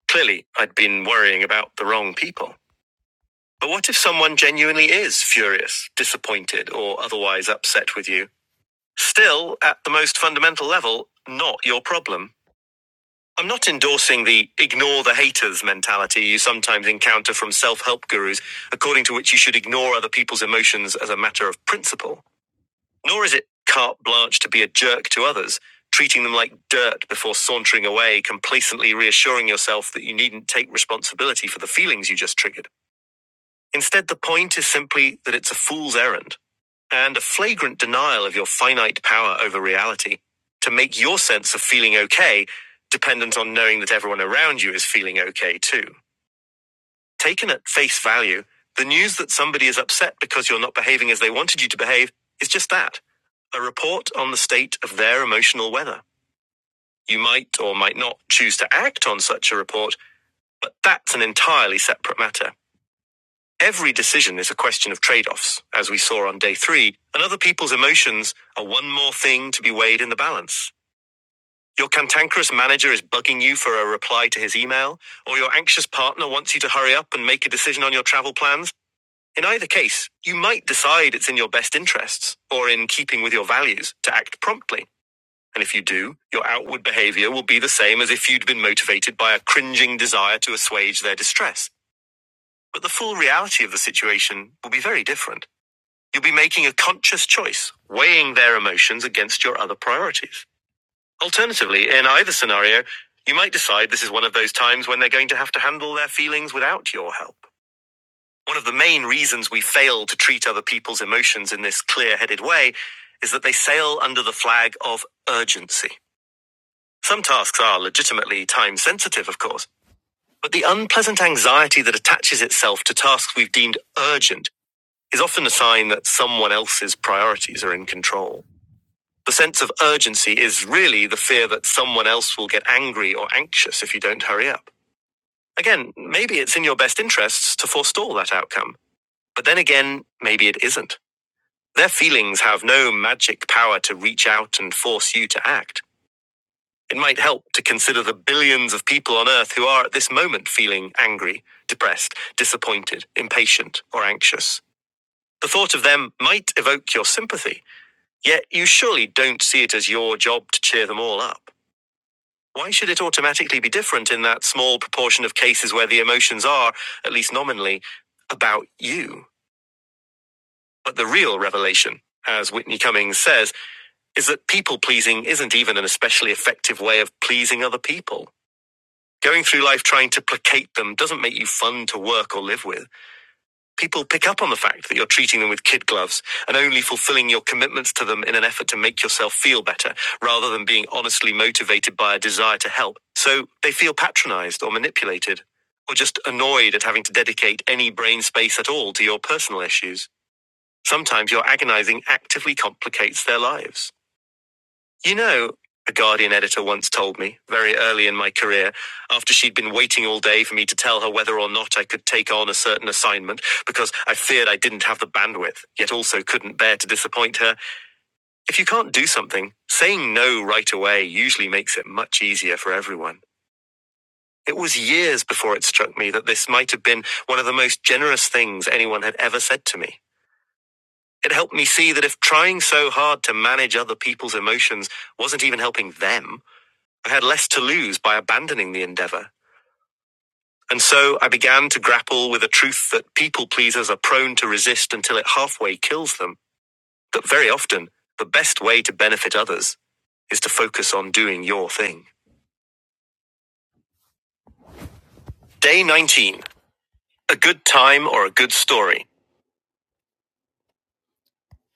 Clearly, I'd been worrying about the wrong people. But what if someone genuinely is furious, disappointed, or otherwise upset with you? Still, at the most fundamental level, not your problem. I'm not endorsing the ignore the haters mentality you sometimes encounter from self help gurus, according to which you should ignore other people's emotions as a matter of principle. Nor is it carte blanche to be a jerk to others, treating them like dirt before sauntering away, complacently reassuring yourself that you needn't take responsibility for the feelings you just triggered. Instead, the point is simply that it's a fool's errand and a flagrant denial of your finite power over reality to make your sense of feeling okay dependent on knowing that everyone around you is feeling okay too. Taken at face value, the news that somebody is upset because you're not behaving as they wanted you to behave is just that a report on the state of their emotional weather. You might or might not choose to act on such a report, but that's an entirely separate matter. Every decision is a question of trade offs, as we saw on day three, and other people's emotions are one more thing to be weighed in the balance. Your cantankerous manager is bugging you for a reply to his email, or your anxious partner wants you to hurry up and make a decision on your travel plans. In either case, you might decide it's in your best interests, or in keeping with your values, to act promptly. And if you do, your outward behavior will be the same as if you'd been motivated by a cringing desire to assuage their distress. But the full reality of the situation will be very different. You'll be making a conscious choice, weighing their emotions against your other priorities. Alternatively, in either scenario, you might decide this is one of those times when they're going to have to handle their feelings without your help. One of the main reasons we fail to treat other people's emotions in this clear headed way is that they sail under the flag of urgency. Some tasks are legitimately time sensitive, of course, but the unpleasant anxiety that attaches itself to tasks we've deemed urgent is often a sign that someone else's priorities are in control. The sense of urgency is really the fear that someone else will get angry or anxious if you don't hurry up. Again, maybe it's in your best interests to forestall that outcome, but then again, maybe it isn't. Their feelings have no magic power to reach out and force you to act. It might help to consider the billions of people on Earth who are at this moment feeling angry, depressed, disappointed, impatient, or anxious. The thought of them might evoke your sympathy, yet you surely don't see it as your job to cheer them all up. Why should it automatically be different in that small proportion of cases where the emotions are, at least nominally, about you? But the real revelation, as Whitney Cummings says, is that people pleasing isn't even an especially effective way of pleasing other people. Going through life trying to placate them doesn't make you fun to work or live with. People pick up on the fact that you're treating them with kid gloves and only fulfilling your commitments to them in an effort to make yourself feel better rather than being honestly motivated by a desire to help. So they feel patronized or manipulated or just annoyed at having to dedicate any brain space at all to your personal issues. Sometimes your agonizing actively complicates their lives. You know, a Guardian editor once told me, very early in my career, after she'd been waiting all day for me to tell her whether or not I could take on a certain assignment because I feared I didn't have the bandwidth, yet also couldn't bear to disappoint her. If you can't do something, saying no right away usually makes it much easier for everyone. It was years before it struck me that this might have been one of the most generous things anyone had ever said to me. It helped me see that if trying so hard to manage other people's emotions wasn't even helping them, I had less to lose by abandoning the endeavor. And so I began to grapple with a truth that people pleasers are prone to resist until it halfway kills them. That very often, the best way to benefit others is to focus on doing your thing. Day 19 A Good Time or a Good Story.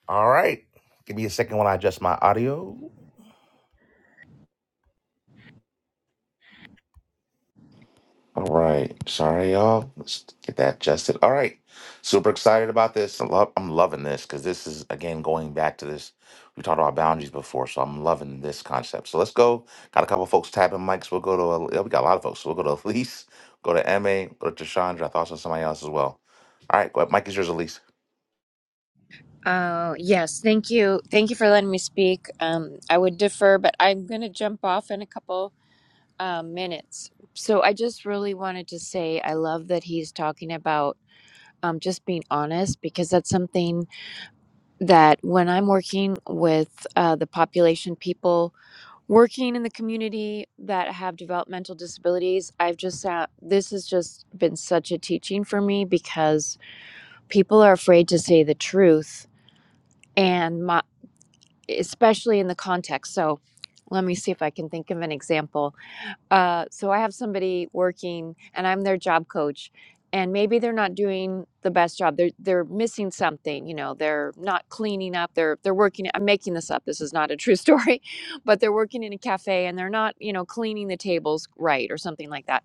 All right. Give me a second while I adjust my audio. All right. Sorry, y'all. Let's get that adjusted. All right. Super excited about this. I love, I'm loving this because this is, again, going back to this. We talked about boundaries before, so I'm loving this concept. So let's go. Got a couple folks tapping mics. We'll go to, uh, we got a lot of folks. So we'll go to Elise, go to MA, go to Chandra. I thought so somebody else as well. All right. Go ahead. Mike is yours, Elise. Oh, yes. Thank you. Thank you for letting me speak. Um, I would defer, but I'm going to jump off in a couple um, minutes. So I just really wanted to say I love that he's talking about um, just being honest because that's something that when I'm working with uh, the population, people working in the community that have developmental disabilities, I've just sat, this has just been such a teaching for me because people are afraid to say the truth and. especially in the context. So let me see if I can think of an example. Uh, so I have somebody working and I'm their job coach and maybe they're not doing the best job. They're, they're missing something, you know, they're not cleaning up. They're, they're working. I'm making this up. This is not a true story, but they're working in a cafe and they're not, you know, cleaning the tables right or something like that.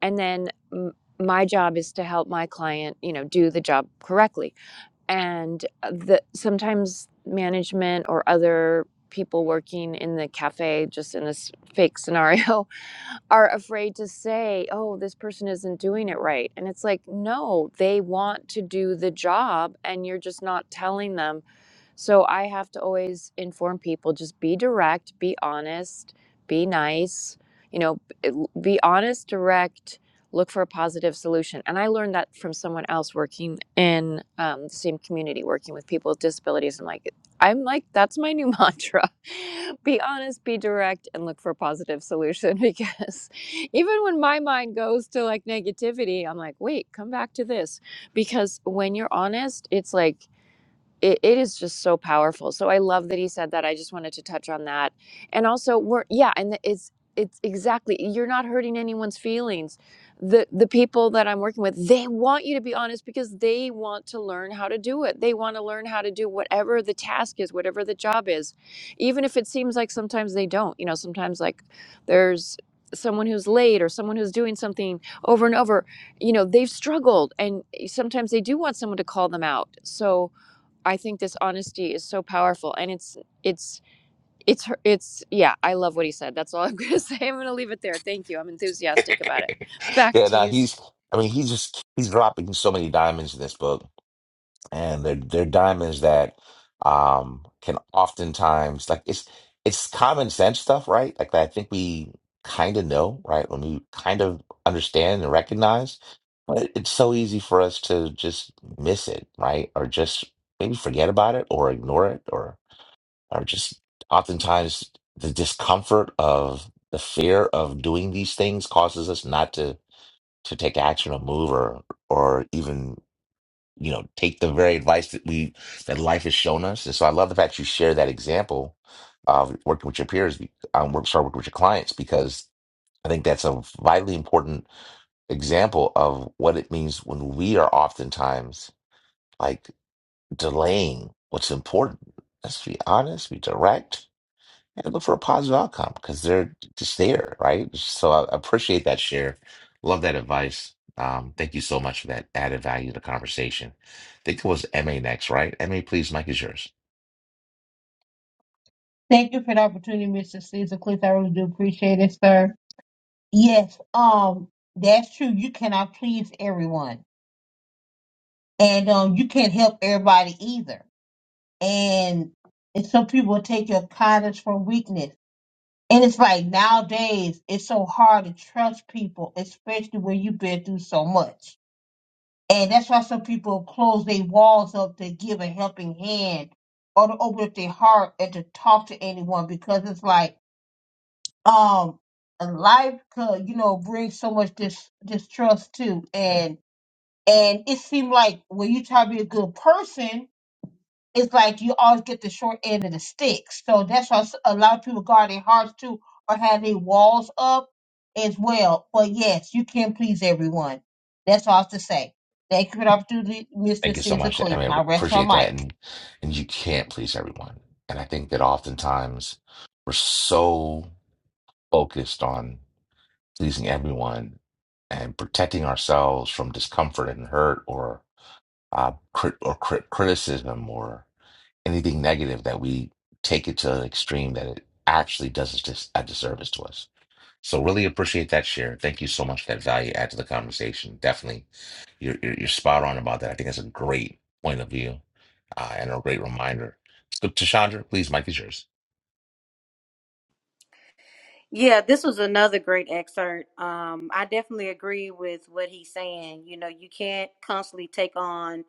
And then m- my job is to help my client, you know, do the job correctly and uh, the sometimes management or other people working in the cafe just in this fake scenario are afraid to say oh this person isn't doing it right and it's like no they want to do the job and you're just not telling them so I have to always inform people just be direct, be honest, be nice, you know, b- be honest, direct, look for a positive solution. And I learned that from someone else working in um, the same community, working with people with disabilities. I'm like, I'm like, that's my new mantra. Be honest, be direct, and look for a positive solution. Because even when my mind goes to like negativity, I'm like, wait, come back to this. Because when you're honest, it's like, it, it is just so powerful. So I love that he said that. I just wanted to touch on that. And also we're yeah, and it's it's exactly you're not hurting anyone's feelings. The the people that I'm working with, they want you to be honest because they want to learn how to do it. They want to learn how to do whatever the task is, whatever the job is. Even if it seems like sometimes they don't. You know, sometimes like there's someone who's late or someone who's doing something over and over, you know, they've struggled and sometimes they do want someone to call them out. So I think this honesty is so powerful, and it's it's it's it's yeah. I love what he said. That's all I'm gonna say. I'm gonna leave it there. Thank you. I'm enthusiastic about it. Back Yeah, to no, you. Su- he's. I mean, he's just he's dropping so many diamonds in this book. and they're they're diamonds that um can oftentimes like it's it's common sense stuff, right? Like that I think we kind of know, right? When we kind of understand and recognize, but it's so easy for us to just miss it, right? Or just maybe forget about it or ignore it or or just oftentimes the discomfort of the fear of doing these things causes us not to to take action or move or or even you know, take the very advice that we that life has shown us. And so I love the fact you share that example of working with your peers, um, work, sorry, working with your clients, because I think that's a vitally important example of what it means when we are oftentimes like delaying what's important. Let's be honest, be direct and look for a positive outcome because they're just there, right? So I appreciate that share. Love that advice. Um, thank you so much for that added value to the conversation. I think it was MA next, right? MA, please, Mike is yours. Thank you for the opportunity, Mr. Caesar Cleese. I really do appreciate it, sir. Yes, um, that's true. You cannot please everyone. And um you can't help everybody either. And and some people take your kindness for weakness. And it's like nowadays it's so hard to trust people, especially when you've been through so much. And that's why some people close their walls up to give a helping hand or to open up their heart and to talk to anyone because it's like um life could you know bring so much dis- distrust too and and it seemed like when you try to be a good person it's like you always get the short end of the stick so that's why s- a lot of people guard their hearts too or have their walls up as well but yes you can please everyone that's all I have to say thank you for the opportunity Thank mr you so caesar much. I cleek mean, I now rest my appreciate that. mic And and you can't please everyone. And I think that oftentimes we're so focused on pleasing everyone and protecting ourselves from discomfort and hurt or uh, crit- or crit- criticism or anything negative that we take it to an extreme that it actually does us dis- a disservice to us. So really appreciate that share. Thank you so much for that value add to the conversation. Definitely, you're you're, you're spot on about that. I think that's a great point of view uh, and a great reminder. So Tashandra, please, Mike is yours. Yeah, this was another great excerpt. Um, I definitely agree with what he's saying. You know, you can't constantly take on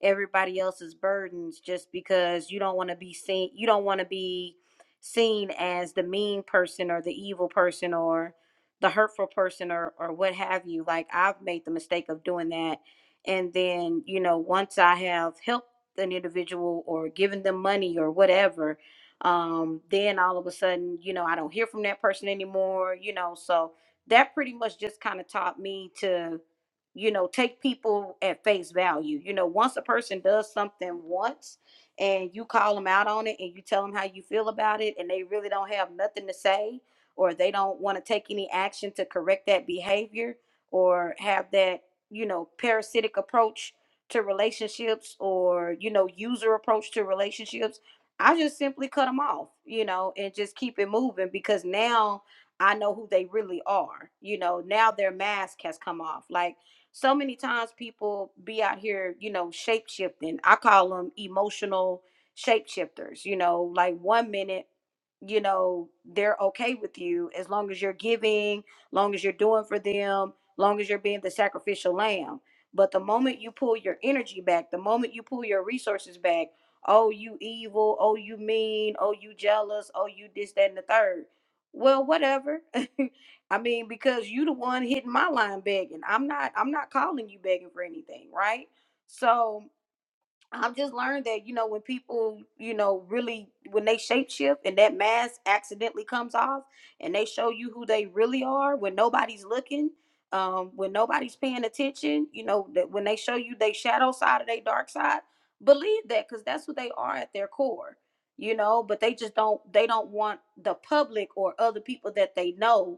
everybody else's burdens just because you don't want to be seen. You don't want to be seen as the mean person or the evil person or the hurtful person or or what have you. Like I've made the mistake of doing that, and then you know, once I have helped an individual or given them money or whatever, um, then all of a sudden, you know, I don't hear from that person anymore, you know. So that pretty much just kind of taught me to, you know, take people at face value. You know, once a person does something once and you call them out on it and you tell them how you feel about it and they really don't have nothing to say or they don't want to take any action to correct that behavior or have that, you know, parasitic approach to relationships or, you know, user approach to relationships I just simply cut them off, you know, and just keep it moving because now I know who they really are. You know, now their mask has come off. Like so many times people be out here, you know, shape shifting. I call them emotional shapeshifters, you know, like one minute you know they're okay with you as long as you're giving long as you're doing for them long as you're being the sacrificial lamb but the moment you pull your energy back the moment you pull your resources back oh, you evil, oh, you mean, oh, you jealous, oh, you this, that, and the third. Well, whatever. I mean, because you the one hitting my line begging. I'm not I'm not calling you begging for anything, right? So I've just learned that, you know, when people, you know, really when they shapeshift and that mask accidentally comes off and they show you who they really are when nobody's looking, um, when nobody's paying attention, you know, that when they show you their shadow side or their dark side, believe that because that's who they are at their core, you know, but they just don't they don't want the public or other people that they know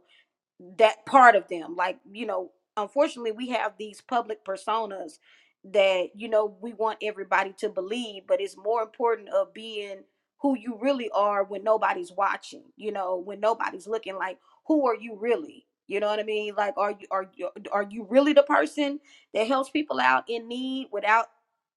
that part of them like you know unfortunately we have these public personas that you know we want everybody to believe but it's more important of being who you really are when nobody's watching you know when nobody's looking like who are you really you know what i mean like are you are you are you really the person that helps people out in need without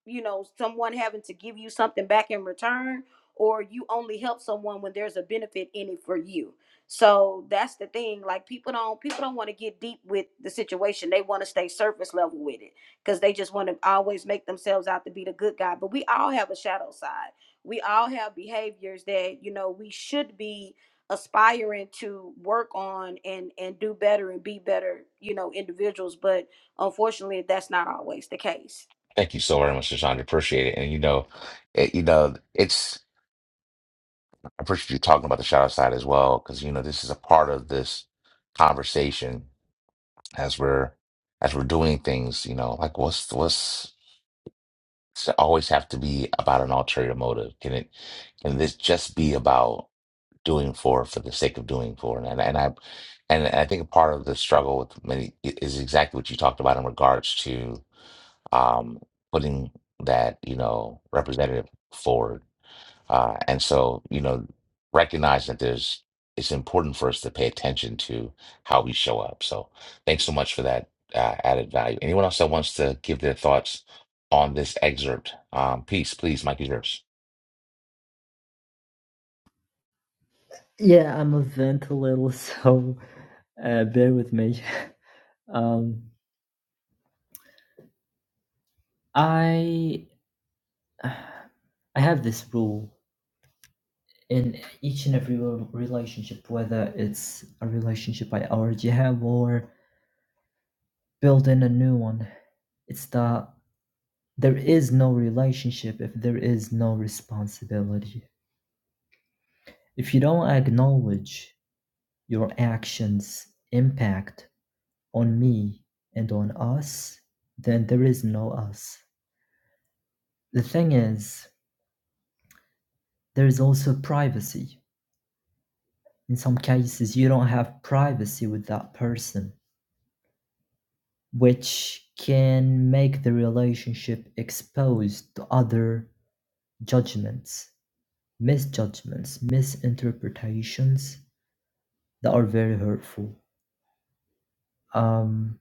you know someone having to give you something back in return or you only help someone when there's a benefit in it for you so that's the thing. Like people don't people don't want to get deep with the situation. They want to stay surface level with it because they just want to always make themselves out to be the good guy. But we all have a shadow side. We all have behaviors that you know we should be aspiring to work on and and do better and be better you know individuals. But Unfortunately, that's not always the case. Thank you so very much, Tashandra. Appreciate it. And you know, it, you know, it's I appreciate you talking about the shadow side as well because you know this is a part of this conversation as we're as we're doing things. You know, like what's what's Does always have to be about an ulterior motive? Can it can this just be about doing for for the sake of doing for? And and I and I think part of the struggle with many i- is exactly what you talked about in regards to um putting that, you know, representative forward. Uh, and so, you know, recognize that there's it's important for us to pay attention to how we show up. So, thanks so much for that uh, added value. Anyone else that wants to give their thoughts on this excerpt? Um, peace, please, Mike is yours. Yeah, I'm a vent a little, so uh, bear with me. Um, I I have this rule in each and every rel- relationship, whether it's a relationship I already have or building a new one. It's that there is no relationship if there is no responsibility. If you don't acknowledge your actions' impact on me and on us, then there is no us. The thing is, there is also privacy. In some cases, you don't have privacy with that person which can make the relationship exposed to other judgments, misjudgments, misinterpretations that are very hurtful. Um,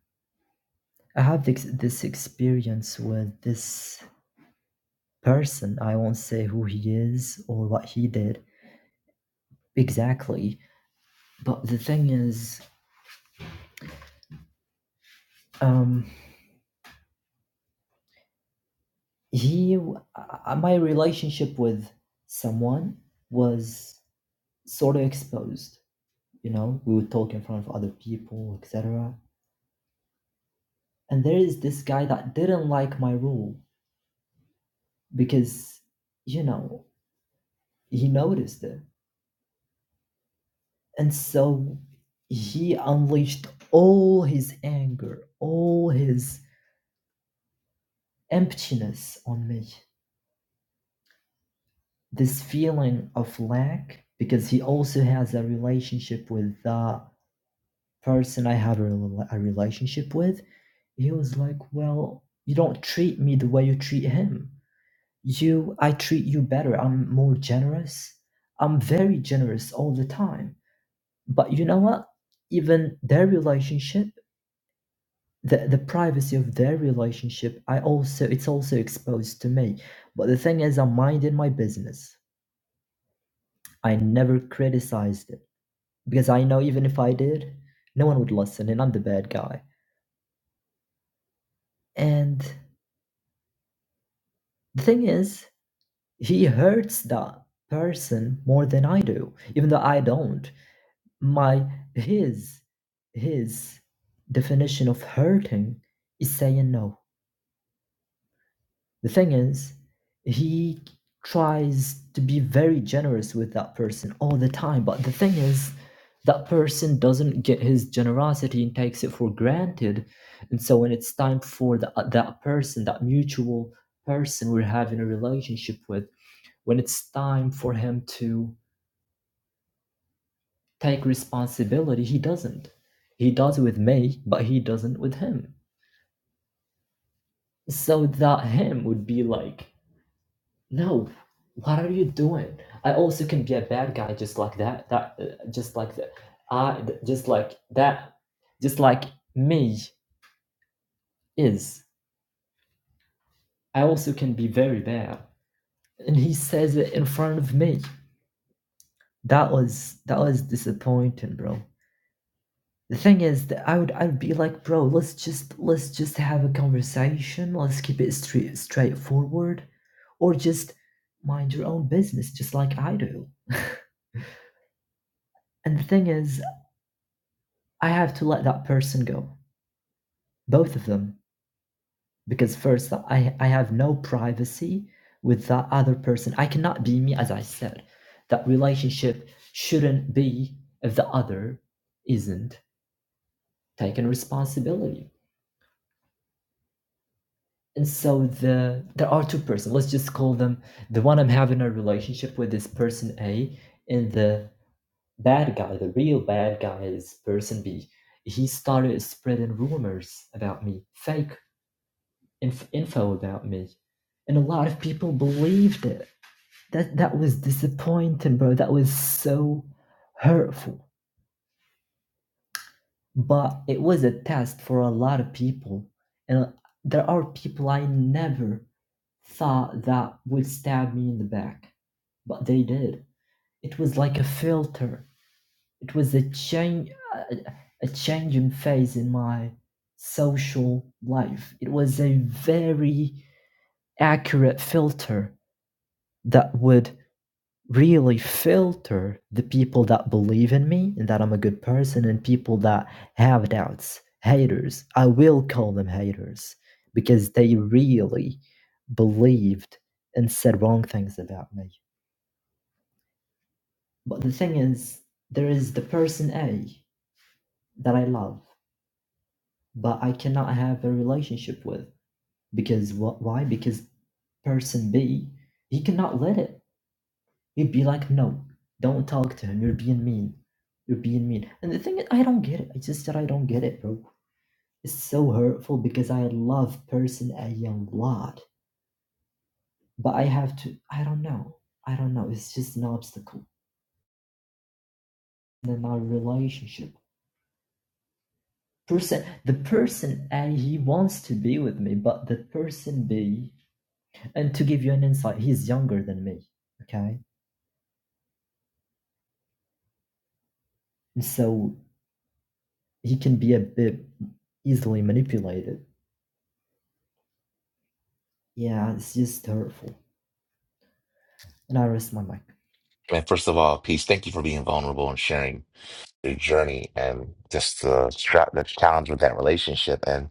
I have this, this experience with this person. I won't say who he is or what he did exactly, but the thing is, um, he, uh, my relationship with someone was sort of exposed you know we would talk in front of other people etc and there is this guy that didn't like my rule because you know he noticed it and so he unleashed all his anger all his emptiness on me this feeling of lack because he also has a relationship with the person i had a relationship with he was like well you don't treat me the way you treat him You, I treat you better. I'm more generous. I'm very generous all the time. But you know what? Even their relationship, the, the privacy of their relationship, I also it's also exposed to me. But the thing is, I'm minding my business. I never criticized it because I know even if I did, no one would listen, and I'm the bad guy. And the thing is, he hurts that person more than I do, even though I don't. my his his definition of hurting is saying no the thing is he tries to be very generous with that person all the time but the thing is that person doesn't get his generosity and takes it for granted and so when it's time for the, that person that mutual person we're having a relationship with when it's time for him to take responsibility. He doesn't. He does with me, but he doesn't with him. So that him would be like, no, what are you doing? I also can be a bad guy just like that. That uh, just like that. I just like that. Just like me is. I also can be very bad. And he says it in front of me. That was that was disappointing, bro. The thing is that I would I would be like, "Bro, let's just let's just have a conversation. Let's keep it straight straightforward, or just mind your own business, just like I do." And the thing is, I have to let that person go, both of them, because first I I have no privacy with that other person. I cannot be me, as I said. That relationship shouldn't be if the other isn't taking responsibility. And so the there are two persons. Let's just call them the one I'm having a relationship with is person A, and the bad guy, the real bad guy, is person B. He started spreading rumors about me, fake inf- info about me, and a lot of people believed it. That that was disappointing, bro. That was so hurtful. But it was a test for a lot of people, and there are people I never thought that would stab me in the back, but they did. It was like a filter. It was a change, a, changing phase in my social life. It was a very accurate filter that would really filter the people that believe in me and that I'm a good person and people that have doubts, haters. I will call them haters because they really believed and said wrong things about me. But the thing is, there is the person A that I love, but I cannot have a relationship with because what? Why? Because person B, he cannot let it. He'd be like, no, don't talk to him. You're being mean. You're being mean. And the thing is, I don't get it. It's just that I don't get it, bro. It's so hurtful because I love person a young lot. But I have to, I don't know. I don't know. It's just an obstacle in my relationship. Person, the person A, he wants to be with me, but the person B, and to give you an insight, he's younger than me. Okay. And so he can be a bit easily manipulated. Yeah, it's just hurtful. And I rest my mic. And first of all, peace. Thank you for being vulnerable and sharing your journey and just the strap, the challenge with that relationship. And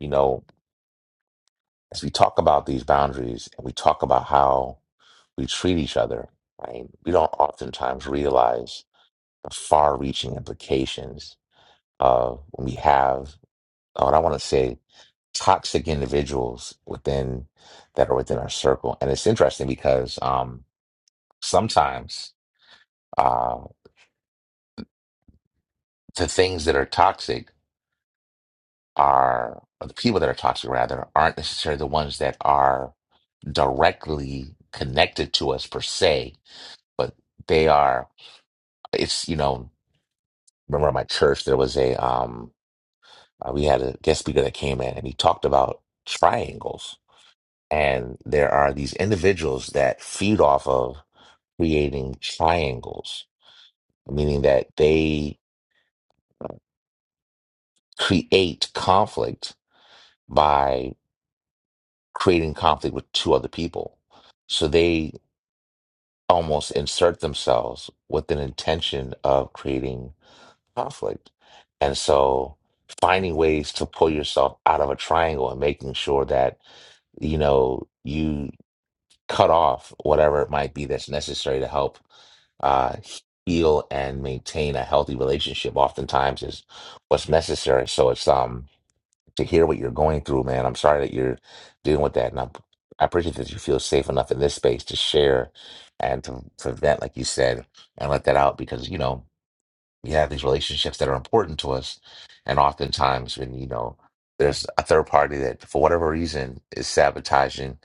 you know, as we talk about these boundaries and we talk about how we treat each other, right? We don't oftentimes realize The far reaching implications of when we have, uh, what I want to say, toxic individuals within that are within our circle. And it's interesting because um, sometimes uh, the things that are toxic are, or the people that are toxic rather, aren't necessarily the ones that are directly connected to us per se, but they are, it's, you know, remember at my church, there was a, um. Uh, we had a guest speaker that came in and he talked about triangles. And there are these individuals that feed off of creating triangles, meaning that they create conflict by creating conflict with two other people. So they almost insert themselves with an intention of creating conflict. And so finding ways to pull yourself out of a triangle and making sure that you know you cut off whatever it might be that's necessary to help uh, heal and maintain a healthy relationship. Oftentimes is what's necessary. So it's um to hear what you're going through, man. I'm sorry that you're dealing with that, and I'm, I appreciate that you feel safe enough in this space to share and to, to vent, like you said, and let that out because you know we have these relationships that are important to us and oftentimes when you know there's a third party that for whatever reason is sabotaging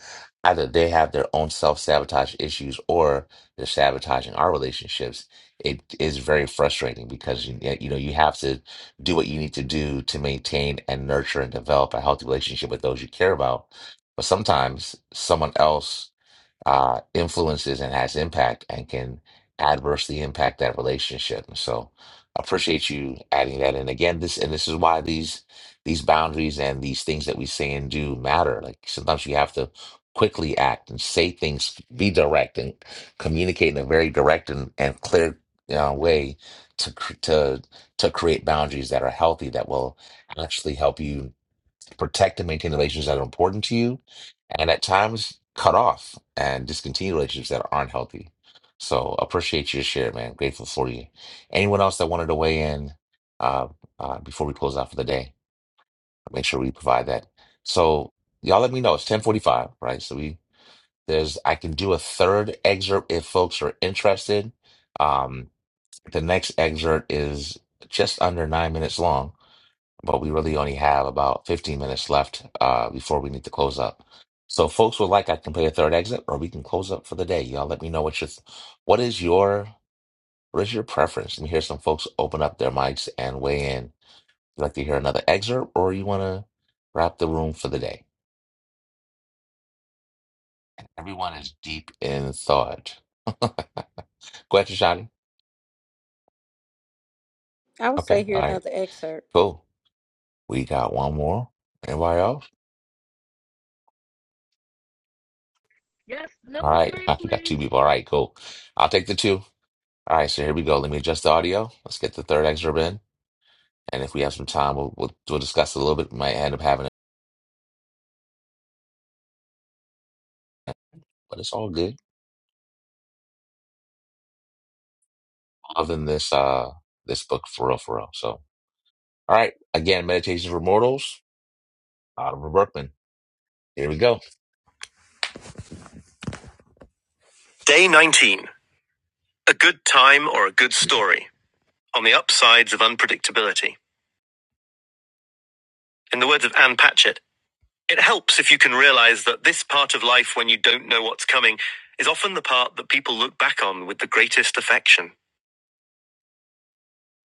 either they have their own self-sabotage issues or they're sabotaging our relationships it is very frustrating because you, you know you have to do what you need to do to maintain and nurture and develop a healthy relationship with those you care about but sometimes someone else uh, influences and has impact and can adversely impact that relationship. And so I appreciate you adding that. And again, this and this is why these these boundaries and these things that we say and do matter. Like sometimes you have to quickly act and say things, be direct and communicate in a very direct and, and clear uh, way to cr- to to create boundaries that are healthy that will actually help you protect and maintain relationships that are important to you, and at times cut off and discontinue relationships that aren't healthy. So appreciate your share, man. Grateful for you. Anyone else that wanted to weigh in uh, uh, before we close out for the day? Make sure we provide that. So y'all let me know. It's ten forty five, right? So we there's I can do a third excerpt if folks are interested. Um, the next excerpt is just under nine minutes long but we really only have about 15 minutes left uh, before we need to close up. So, folks would like I can play a third exit, or we can close up for the day. Y'all, let me know what your what is your what is your preference. Let me hear some folks open up their mics and weigh in. You like to hear another excerpt, or you want to wrap the room for the day? Everyone is deep in thought. Go ahead, Shadi. I would say Okay, here all right, another excerpt. cool. We got one more. Anybody else? Yes, All number right, three, we got two please. people. All right, cool. I'll take the two. All right, so here we go. Let me adjust the audio. Let's get the third excerpt in, and if we have some time, we'll we'll, we'll discuss it a little bit. We might end up having it, but it's all good. Other than this, uh, this book for real, for real. So, all right, again, Meditations for Mortals, Oliver Berkman. Here we go. Day nineteen: A good time or a good story on the upsides of unpredictability. In the words of Anne Patchett, it helps if you can realize that this part of life, when you don't know what's coming, is often the part that people look back on with the greatest affection.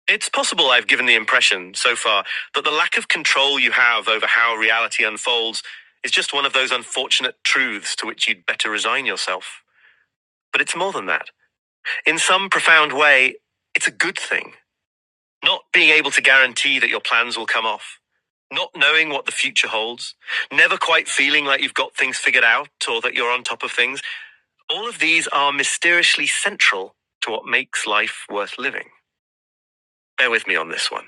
It's possible I've given the impression so far that the lack of control you have over how reality unfolds is just one of those unfortunate truths to which you'd better resign yourself. But it's more than that. In some profound way, it's a good thing. Not being able to guarantee that your plans will come off, not knowing what the future holds, never quite feeling like you've got things figured out or that you're on top of things, all of these are mysteriously central to what makes life worth living. Bear with me on this one.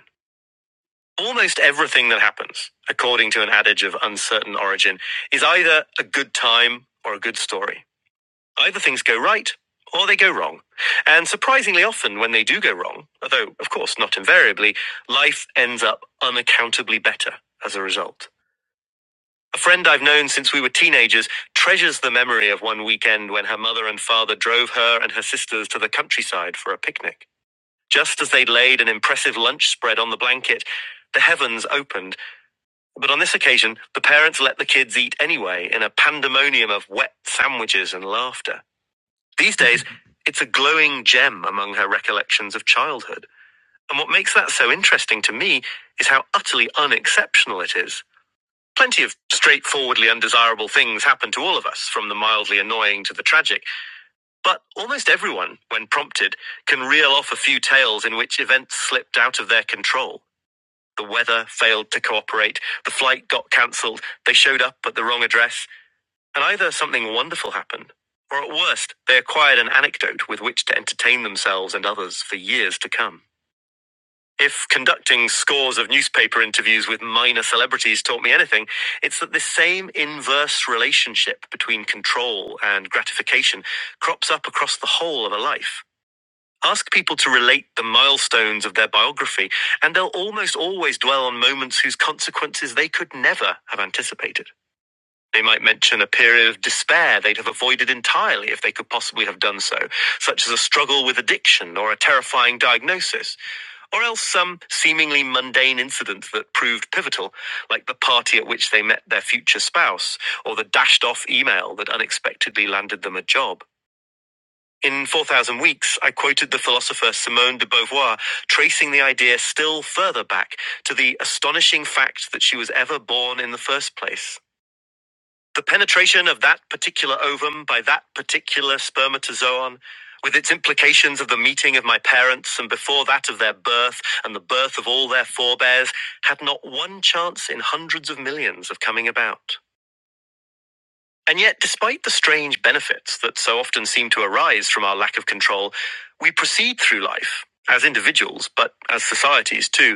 Almost everything that happens, according to an adage of uncertain origin, is either a good time or a good story. Either things go right or they go wrong. And surprisingly often, when they do go wrong, although, of course, not invariably, life ends up unaccountably better as a result. A friend I've known since we were teenagers treasures the memory of one weekend when her mother and father drove her and her sisters to the countryside for a picnic. Just as they'd laid an impressive lunch spread on the blanket, the heavens opened but on this occasion, the parents let the kids eat anyway in a pandemonium of wet sandwiches and laughter. These days, it's a glowing gem among her recollections of childhood. And what makes that so interesting to me is how utterly unexceptional it is. Plenty of straightforwardly undesirable things happen to all of us, from the mildly annoying to the tragic. But almost everyone, when prompted, can reel off a few tales in which events slipped out of their control. The weather failed to cooperate. The flight got cancelled. They showed up at the wrong address. And either something wonderful happened, or at worst, they acquired an anecdote with which to entertain themselves and others for years to come. If conducting scores of newspaper interviews with minor celebrities taught me anything, it's that this same inverse relationship between control and gratification crops up across the whole of a life. Ask people to relate the milestones of their biography, and they'll almost always dwell on moments whose consequences they could never have anticipated. They might mention a period of despair they'd have avoided entirely if they could possibly have done so, such as a struggle with addiction or a terrifying diagnosis, or else some seemingly mundane incident that proved pivotal, like the party at which they met their future spouse, or the dashed off email that unexpectedly landed them a job. In 4,000 Weeks, I quoted the philosopher Simone de Beauvoir, tracing the idea still further back to the astonishing fact that she was ever born in the first place. The penetration of that particular ovum by that particular spermatozoon, with its implications of the meeting of my parents and before that of their birth and the birth of all their forebears, had not one chance in hundreds of millions of coming about. And yet, despite the strange benefits that so often seem to arise from our lack of control, we proceed through life, as individuals, but as societies too,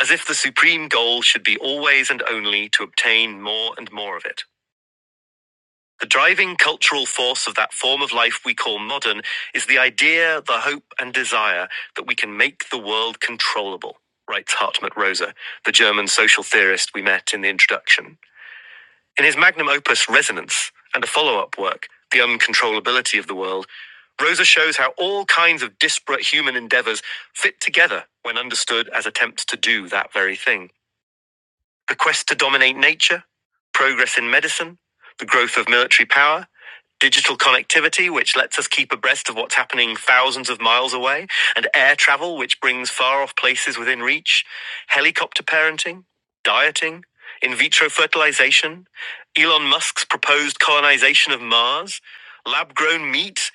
as if the supreme goal should be always and only to obtain more and more of it. The driving cultural force of that form of life we call modern is the idea, the hope, and desire that we can make the world controllable, writes Hartmut Rosa, the German social theorist we met in the introduction. In his magnum opus Resonance and a follow up work, The Uncontrollability of the World, Rosa shows how all kinds of disparate human endeavors fit together when understood as attempts to do that very thing. The quest to dominate nature, progress in medicine, the growth of military power, digital connectivity, which lets us keep abreast of what's happening thousands of miles away, and air travel, which brings far off places within reach, helicopter parenting, dieting, in vitro fertilization, Elon Musk's proposed colonization of Mars, lab grown meat,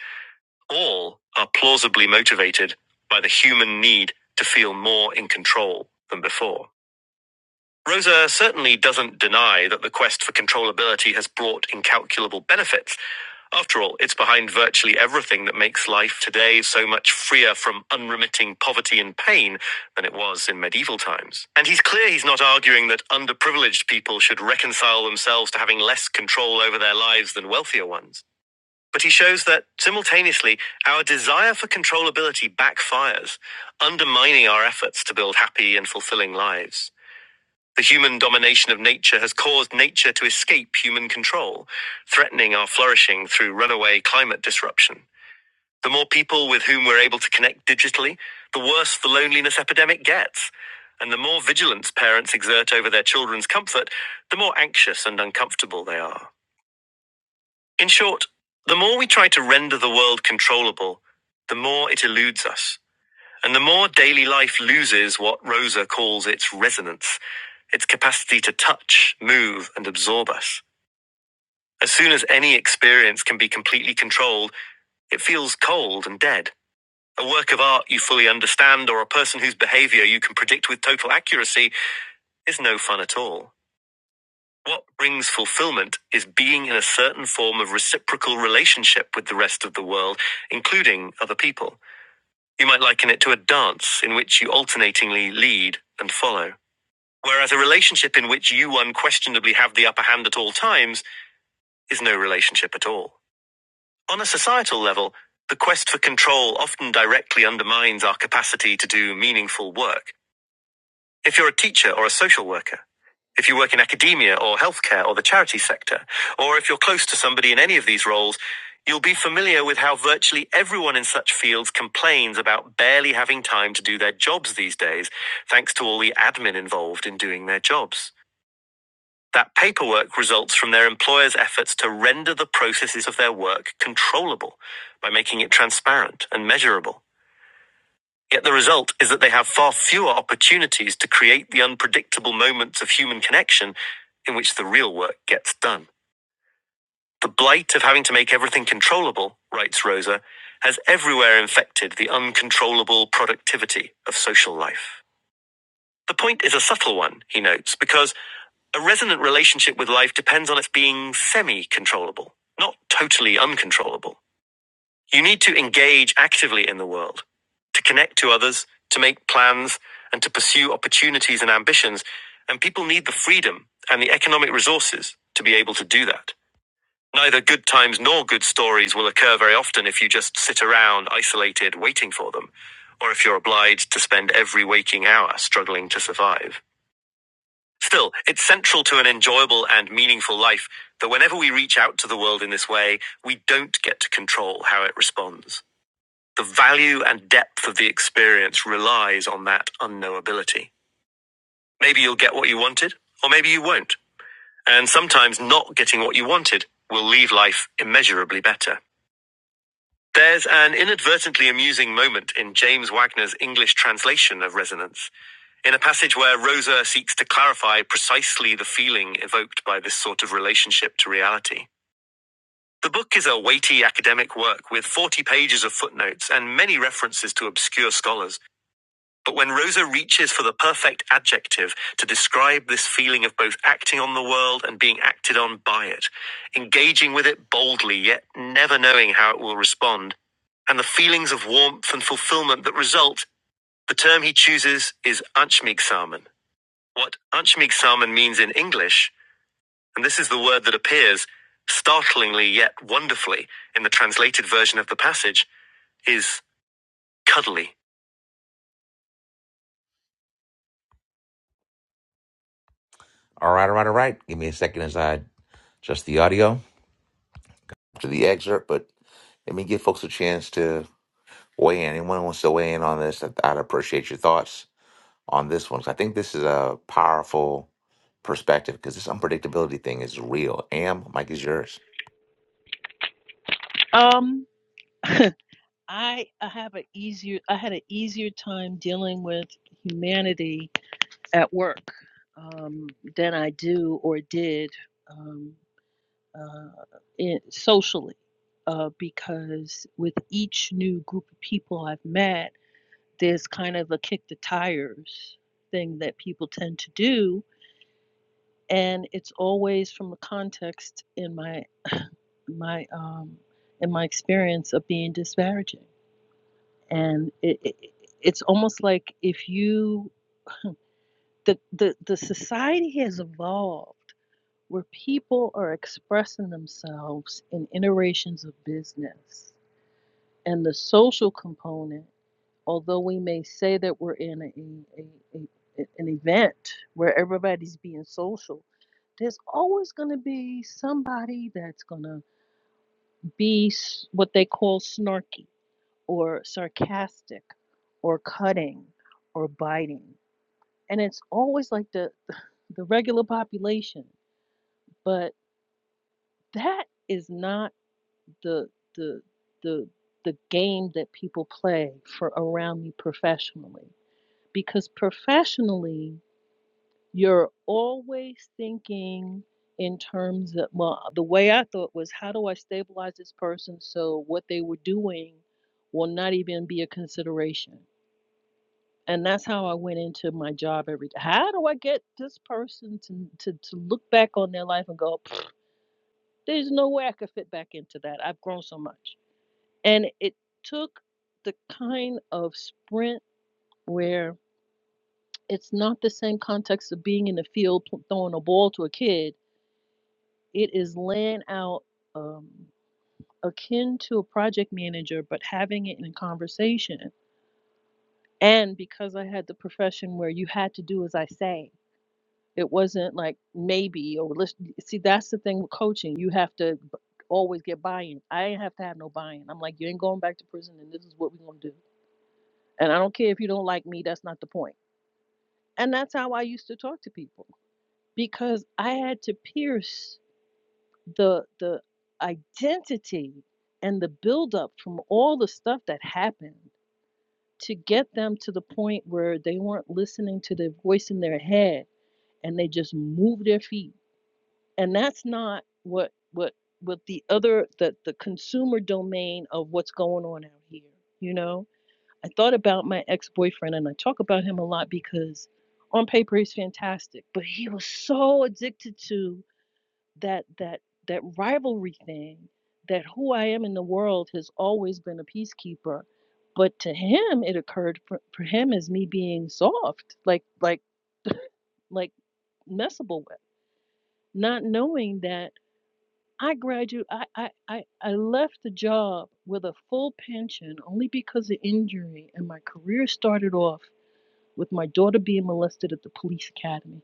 all are plausibly motivated by the human need to feel more in control than before. Rosa certainly doesn't deny that the quest for controllability has brought incalculable benefits. After all, it's behind virtually everything that makes life today so much freer from unremitting poverty and pain than it was in medieval times. And he's clear he's not arguing that underprivileged people should reconcile themselves to having less control over their lives than wealthier ones. But he shows that simultaneously, our desire for controllability backfires, undermining our efforts to build happy and fulfilling lives. The human domination of nature has caused nature to escape human control, threatening our flourishing through runaway climate disruption. The more people with whom we're able to connect digitally, the worse the loneliness epidemic gets. And the more vigilance parents exert over their children's comfort, the more anxious and uncomfortable they are. In short, the more we try to render the world controllable, the more it eludes us. And the more daily life loses what Rosa calls its resonance, its capacity to touch, move, and absorb us. As soon as any experience can be completely controlled, it feels cold and dead. A work of art you fully understand or a person whose behavior you can predict with total accuracy is no fun at all. What brings fulfillment is being in a certain form of reciprocal relationship with the rest of the world, including other people. You might liken it to a dance in which you alternatingly lead and follow. Whereas a relationship in which you unquestionably have the upper hand at all times is no relationship at all. On a societal level, the quest for control often directly undermines our capacity to do meaningful work. If you're a teacher or a social worker, if you work in academia or healthcare or the charity sector, or if you're close to somebody in any of these roles, you'll be familiar with how virtually everyone in such fields complains about barely having time to do their jobs these days, thanks to all the admin involved in doing their jobs. That paperwork results from their employer's efforts to render the processes of their work controllable by making it transparent and measurable. Yet the result is that they have far fewer opportunities to create the unpredictable moments of human connection in which the real work gets done. The blight of having to make everything controllable, writes Rosa, has everywhere infected the uncontrollable productivity of social life. The point is a subtle one, he notes, because a resonant relationship with life depends on its being semi controllable, not totally uncontrollable. You need to engage actively in the world, to connect to others, to make plans, and to pursue opportunities and ambitions. And people need the freedom and the economic resources to be able to do that. Neither good times nor good stories will occur very often if you just sit around isolated waiting for them, or if you're obliged to spend every waking hour struggling to survive. Still, it's central to an enjoyable and meaningful life that whenever we reach out to the world in this way, we don't get to control how it responds. The value and depth of the experience relies on that unknowability. Maybe you'll get what you wanted, or maybe you won't. And sometimes not getting what you wanted will leave life immeasurably better. There's an inadvertently amusing moment in James Wagner's English translation of Resonance In a passage where Rosa seeks to clarify precisely the feeling evoked by this sort of relationship to reality. The book is a weighty academic work with 40 pages of footnotes and many references to obscure scholars. But when Rosa reaches for the perfect adjective to describe this feeling of both acting on the world and being acted on by it, engaging with it boldly yet never knowing how it will respond, and the feelings of warmth and fulfillment that result, the term he chooses is Anschmiegsamen what Anshmig Salmon means in English, and this is the word that appears startlingly yet wonderfully in the translated version of the passage, is cuddly. All right, all right, all right. Give me a second as I adjust the audio to the excerpt, but let me give folks a chance to weigh in. Anyone who wants to weigh in on this, I'd I'd appreciate your thoughts on this one. 'cause I think this is a powerful perspective because this unpredictability thing is real. Am, Mike is yours. Um, I I have an easier I had an easier time dealing with humanity at work um, than I do or did. Um, uh, in, socially uh, because with each new group of people I've met, there's kind of a kick the tires thing that people tend to do, and it's always from the context in my my um, in my experience of being disparaging, and it, it, it's almost like if you the, the the society has evolved where people are expressing themselves in iterations of business And the social component, although we may say that we're in a, a, a, an event where everybody's being social, there's always going to be somebody that's going to be s- what they call snarky or sarcastic or cutting or biting. And it's always like the, the, the regular population. But that is not the, the, the, the game that people play for around me professionally because professionally you're always thinking in terms of well the way i thought was how do i stabilize this person so what they were doing will not even be a consideration and that's how i went into my job every day how do i get this person to, to, to look back on their life and go "Pfft, there's no way i could fit back into that i've grown so much and it took the kind of sprint where it's not the same context of being in the field pl- throwing a ball to a kid. It is laying out um, akin to a project manager, but having it in a conversation. And because I had the profession where you had to do as I say, it wasn't like maybe or let's see. That's the thing with coaching; you have to b- always get buy-in. I ain't have to have no buy-in. I'm like, you ain't going back to prison, and this is what we're gonna do. And I don't care if you don't like me. That's not the point. And that's how I used to talk to people because I had to pierce the the identity and the buildup from all the stuff that happened to get them to the point where they weren't listening to the voice in their head and they just moved their feet. And that's not what what what the other the, the consumer domain of what's going on out here, you know? I thought about my ex-boyfriend and I talk about him a lot because on paper he's fantastic, but he was so addicted to that that that rivalry thing that who I am in the world has always been a peacekeeper but to him it occurred for, for him as me being soft like like like messable with not knowing that I graduate I, I I I left the job with a full pension only because of injury and my career started off with my daughter being molested at the police academy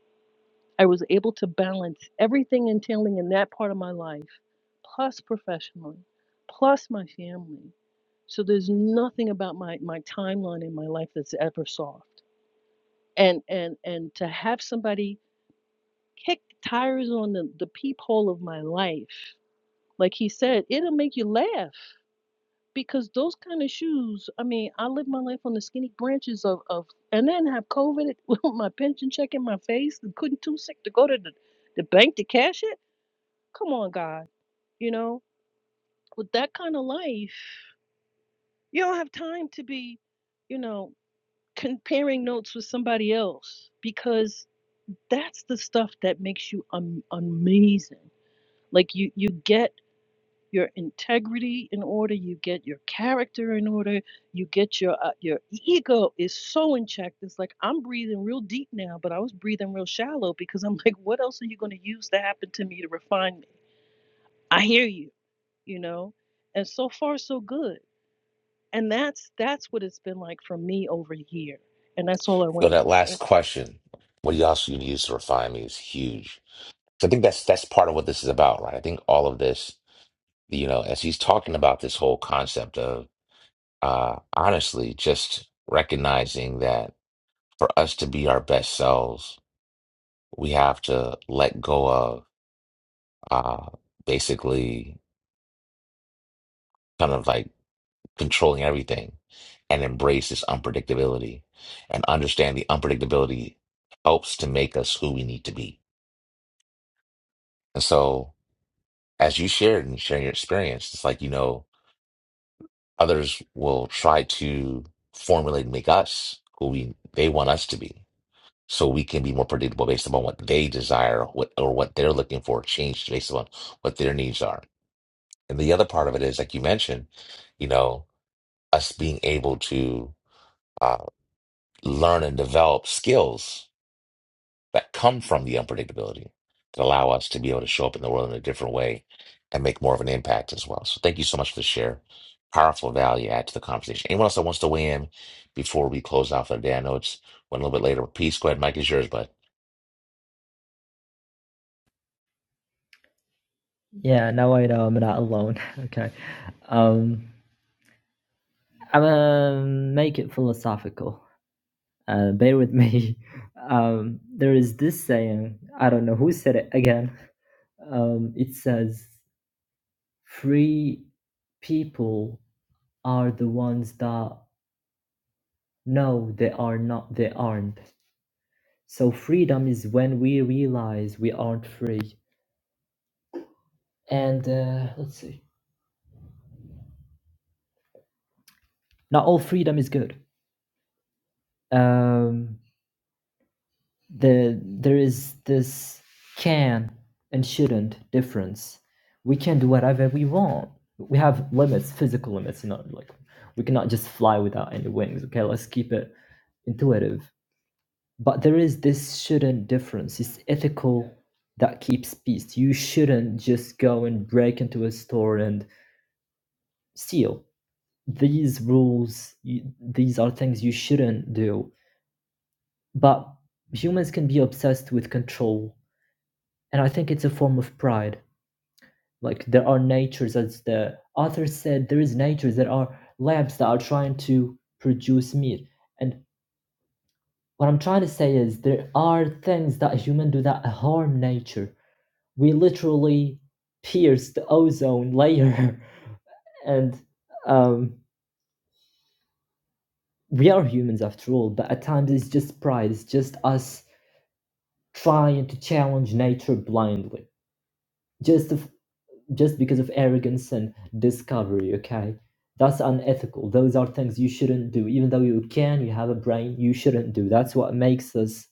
I was able to balance everything entailing in that part of my life plus professionally, plus my family. So there's nothing about my my timeline in my life that's ever soft. And and and to have somebody kick tires on the, the peephole of my life, like he said, it'll make you laugh because those kind of shoes. I mean, I live my life on the skinny branches of of, and then have COVID with my pension check in my face. and Couldn't too sick to go to the the bank to cash it. Come on, God, you know, with that kind of life. You don't have time to be, you know, comparing notes with somebody else because that's the stuff that makes you um, amazing. Like you you get your integrity in order, you get your character in order, you get your uh, your ego is so in check. It's like I'm breathing real deep now, but I was breathing real shallow because I'm like, what else are you going to use that happened to me to refine me? I hear you, you know. And so far, so good And that's that's what it's been like for me over here. And that's all I So wanted that to say. last question, what else you also use to refine me is huge. So I think that's that's part of what this is about, right? I think all of this, you know, as he's talking about this whole concept of uh honestly just recognizing that for us to be our best selves, we have to let go of uh basically kind of like controlling everything and embrace this unpredictability and understand the unpredictability helps to make us who we need to be. And so as you shared and sharing your experience, it's like, you know, others will try to formulate and make us who we they want us to be. So we can be more predictable based upon what they desire what, or what they're looking for, change based upon what their needs are. And the other part of it is, like you mentioned, you know, us being able to uh, learn and develop skills that come from the unpredictability that allow us to be able to show up in the world in a different way and make more of an impact as well. So thank you so much for the share. Powerful value add to the conversation. Anyone else that wants to weigh in before we close out for the day? I know it's went a little bit later. Peace, go ahead, Mike is yours, but Yeah, now I know I'm not alone. okay. Um, I'm gonna make it philosophical. Uh, bear with me. Um, there is this saying, I don't know who said it again. Um, it says, free people are the ones that know they are not, they aren't. So freedom is when we realize we aren't free. And uh, let's see, not all freedom is good. Um, the there is this can and shouldn't difference. We can do whatever we want. We have limits, physical limits, not like we cannot just fly without any wings. Okay, let's keep it intuitive. But there is this shouldn't difference. It's ethical that keeps peace. You shouldn't just go and break into a store and steal. These rules, you, these are things you shouldn't do. But humans can be obsessed with control And I think it's a form of pride. Like there are natures, as the author said, there is natures that are labs that are trying to produce meat. And what I'm trying to say is there are things that a human do that harm nature. We literally pierce the ozone layer, and um, we are humans after all. But at times it's just pride. It's just us trying to challenge nature blindly, just to just because of arrogance and discovery, okay? That's unethical. Those are things you shouldn't do. Even though you can, you have a brain, you shouldn't do. That's what makes us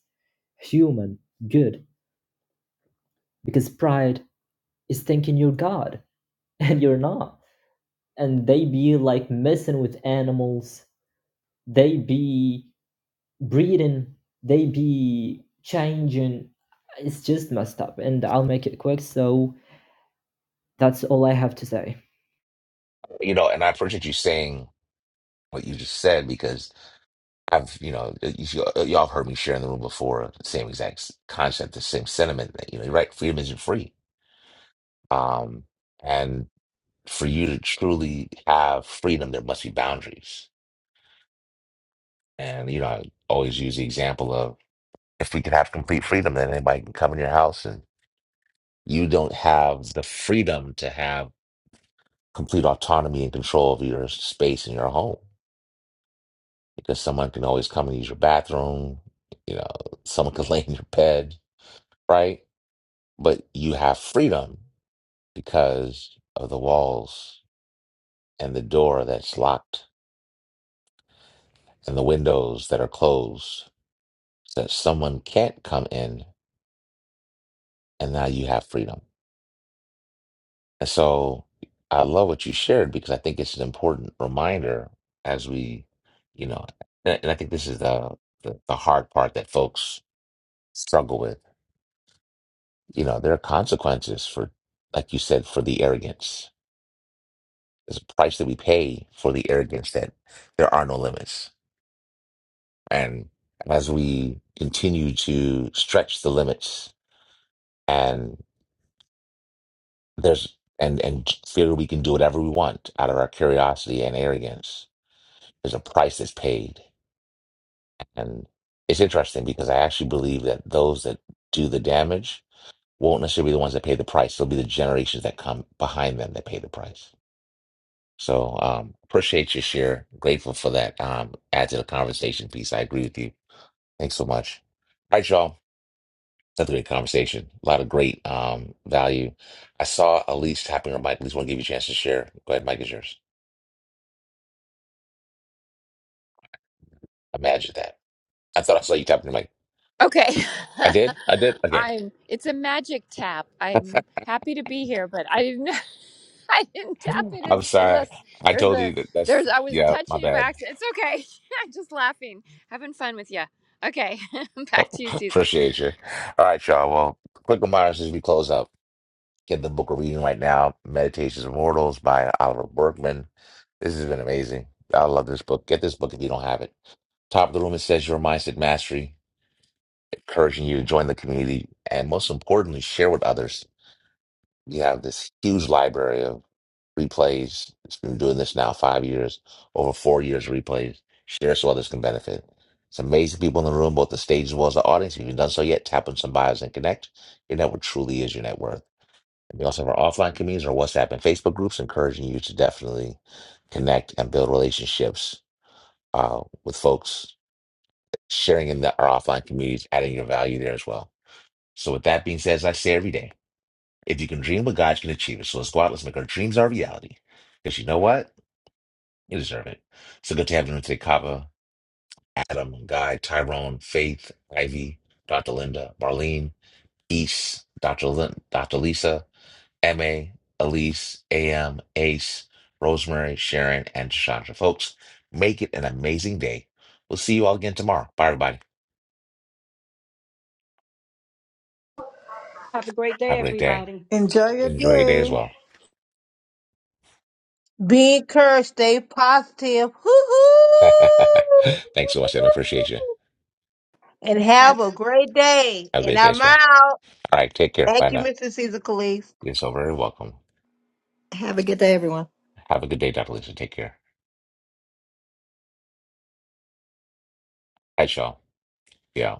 human, good. Because pride is thinking you're God and you're not. And they be like messing with animals, they be breeding, they be changing. It's just messed up. And I'll make it quick. So that's all I have to say. you know, and I appreciate you saying what you just said because I've, you know, you, y'all have heard me share in the room before the same exact concept, the same sentiment that, you know, you're right, freedom isn't free. Um, and for you to truly have freedom, there must be boundaries And you know, I always use the example of if we could have complete freedom, then anybody can come in your house and you don't have the freedom to have complete autonomy and control of your space in your home because someone can always come and use your bathroom, you know, someone can lay in your bed, right? But you have freedom because of the walls and the door that's locked and the windows that are closed so that someone can't come in and now you have freedom. And so I love what you shared because I think it's an important reminder as we, you know, and, and I think this is the, the the hard part that folks struggle with. You know, there are consequences for, like you said, for the arrogance. There's a price that we pay for the arrogance that there are no limits. And as we continue to stretch the limits and there's and and fear we can do whatever we want out of our curiosity and arrogance, there's a price that's paid And it's interesting because I actually believe that those that do the damage won't necessarily be the ones that pay the price. They'll be the generations that come behind them that pay the price. So um, appreciate your share. Grateful for that. Um, add to the conversation piece. I agree with you. Thanks so much. All right, y'all. That's a great conversation. A lot of great um, value. I saw Elise tapping her mic. Elise, want to give you a chance to share. Go ahead, Mike is yours. Imagine that. I thought I saw you tapping your mic. Okay, I did. I did. Okay. I'm. It's a magic tap. I'm happy to be here, but I didn't. I didn't tap it I'm in, sorry. unless I there's told you a that that's, there's. I was yeah, my touching it by bad. accident. It's okay. I'm just laughing, having fun with you. Okay, back to you, Cecil. Appreciate you. All right, y'all. Well, quick reminders as we close up. Get the book we're reading right now, Meditations of Mortals by Oliver Berkman. This has been amazing. I love this book. Get this book if you don't have it. Top of the room, it says your mindset mastery, encouraging you to join the community and most importantly, share with others. you have this huge library of replays. It's been doing this now five years, over four years of replays. Share so others can benefit. It's amazing people in the room, both the stage as well as the audience. If you haven't done so yet, tap on some bios and connect. Your network truly is your net worth. And we also have our offline communities, our WhatsApp and Facebook groups, encouraging you to definitely connect and build relationships uh, with folks, sharing in the, our offline communities, adding your value there as well. So, with that being said, as I say every day. If you can dream what God can achieve it. So let's go out, let's make our dreams our reality. Because you know what? You deserve it. So good to have you today, Kava, Adam, Guy, Tyrone, Faith, Ivy, Dr. Linda, Marlene, East, Dr. Lin- Dr. Lisa, MA, Elise, AM, Ace, Rosemary, Sharon, and Chandra. Folks, make it an amazing day. We'll see you all again tomorrow. Bye, everybody. Have a great day, Have a great day. everybody. Enjoy your Enjoy your day as day. well. be encouraged stay positive Hoo-hoo! Thanks so much, Adam. I appreciate you. And Have, have a great day. Have a And great day I'm as well. out. All right, take care. Bye Thank you, now. Mr. Caesar Calise. You're so very welcome. have a good day, everyone. Have a good day, Dr. Lisa. Take care. Hi, y'all. Yeah.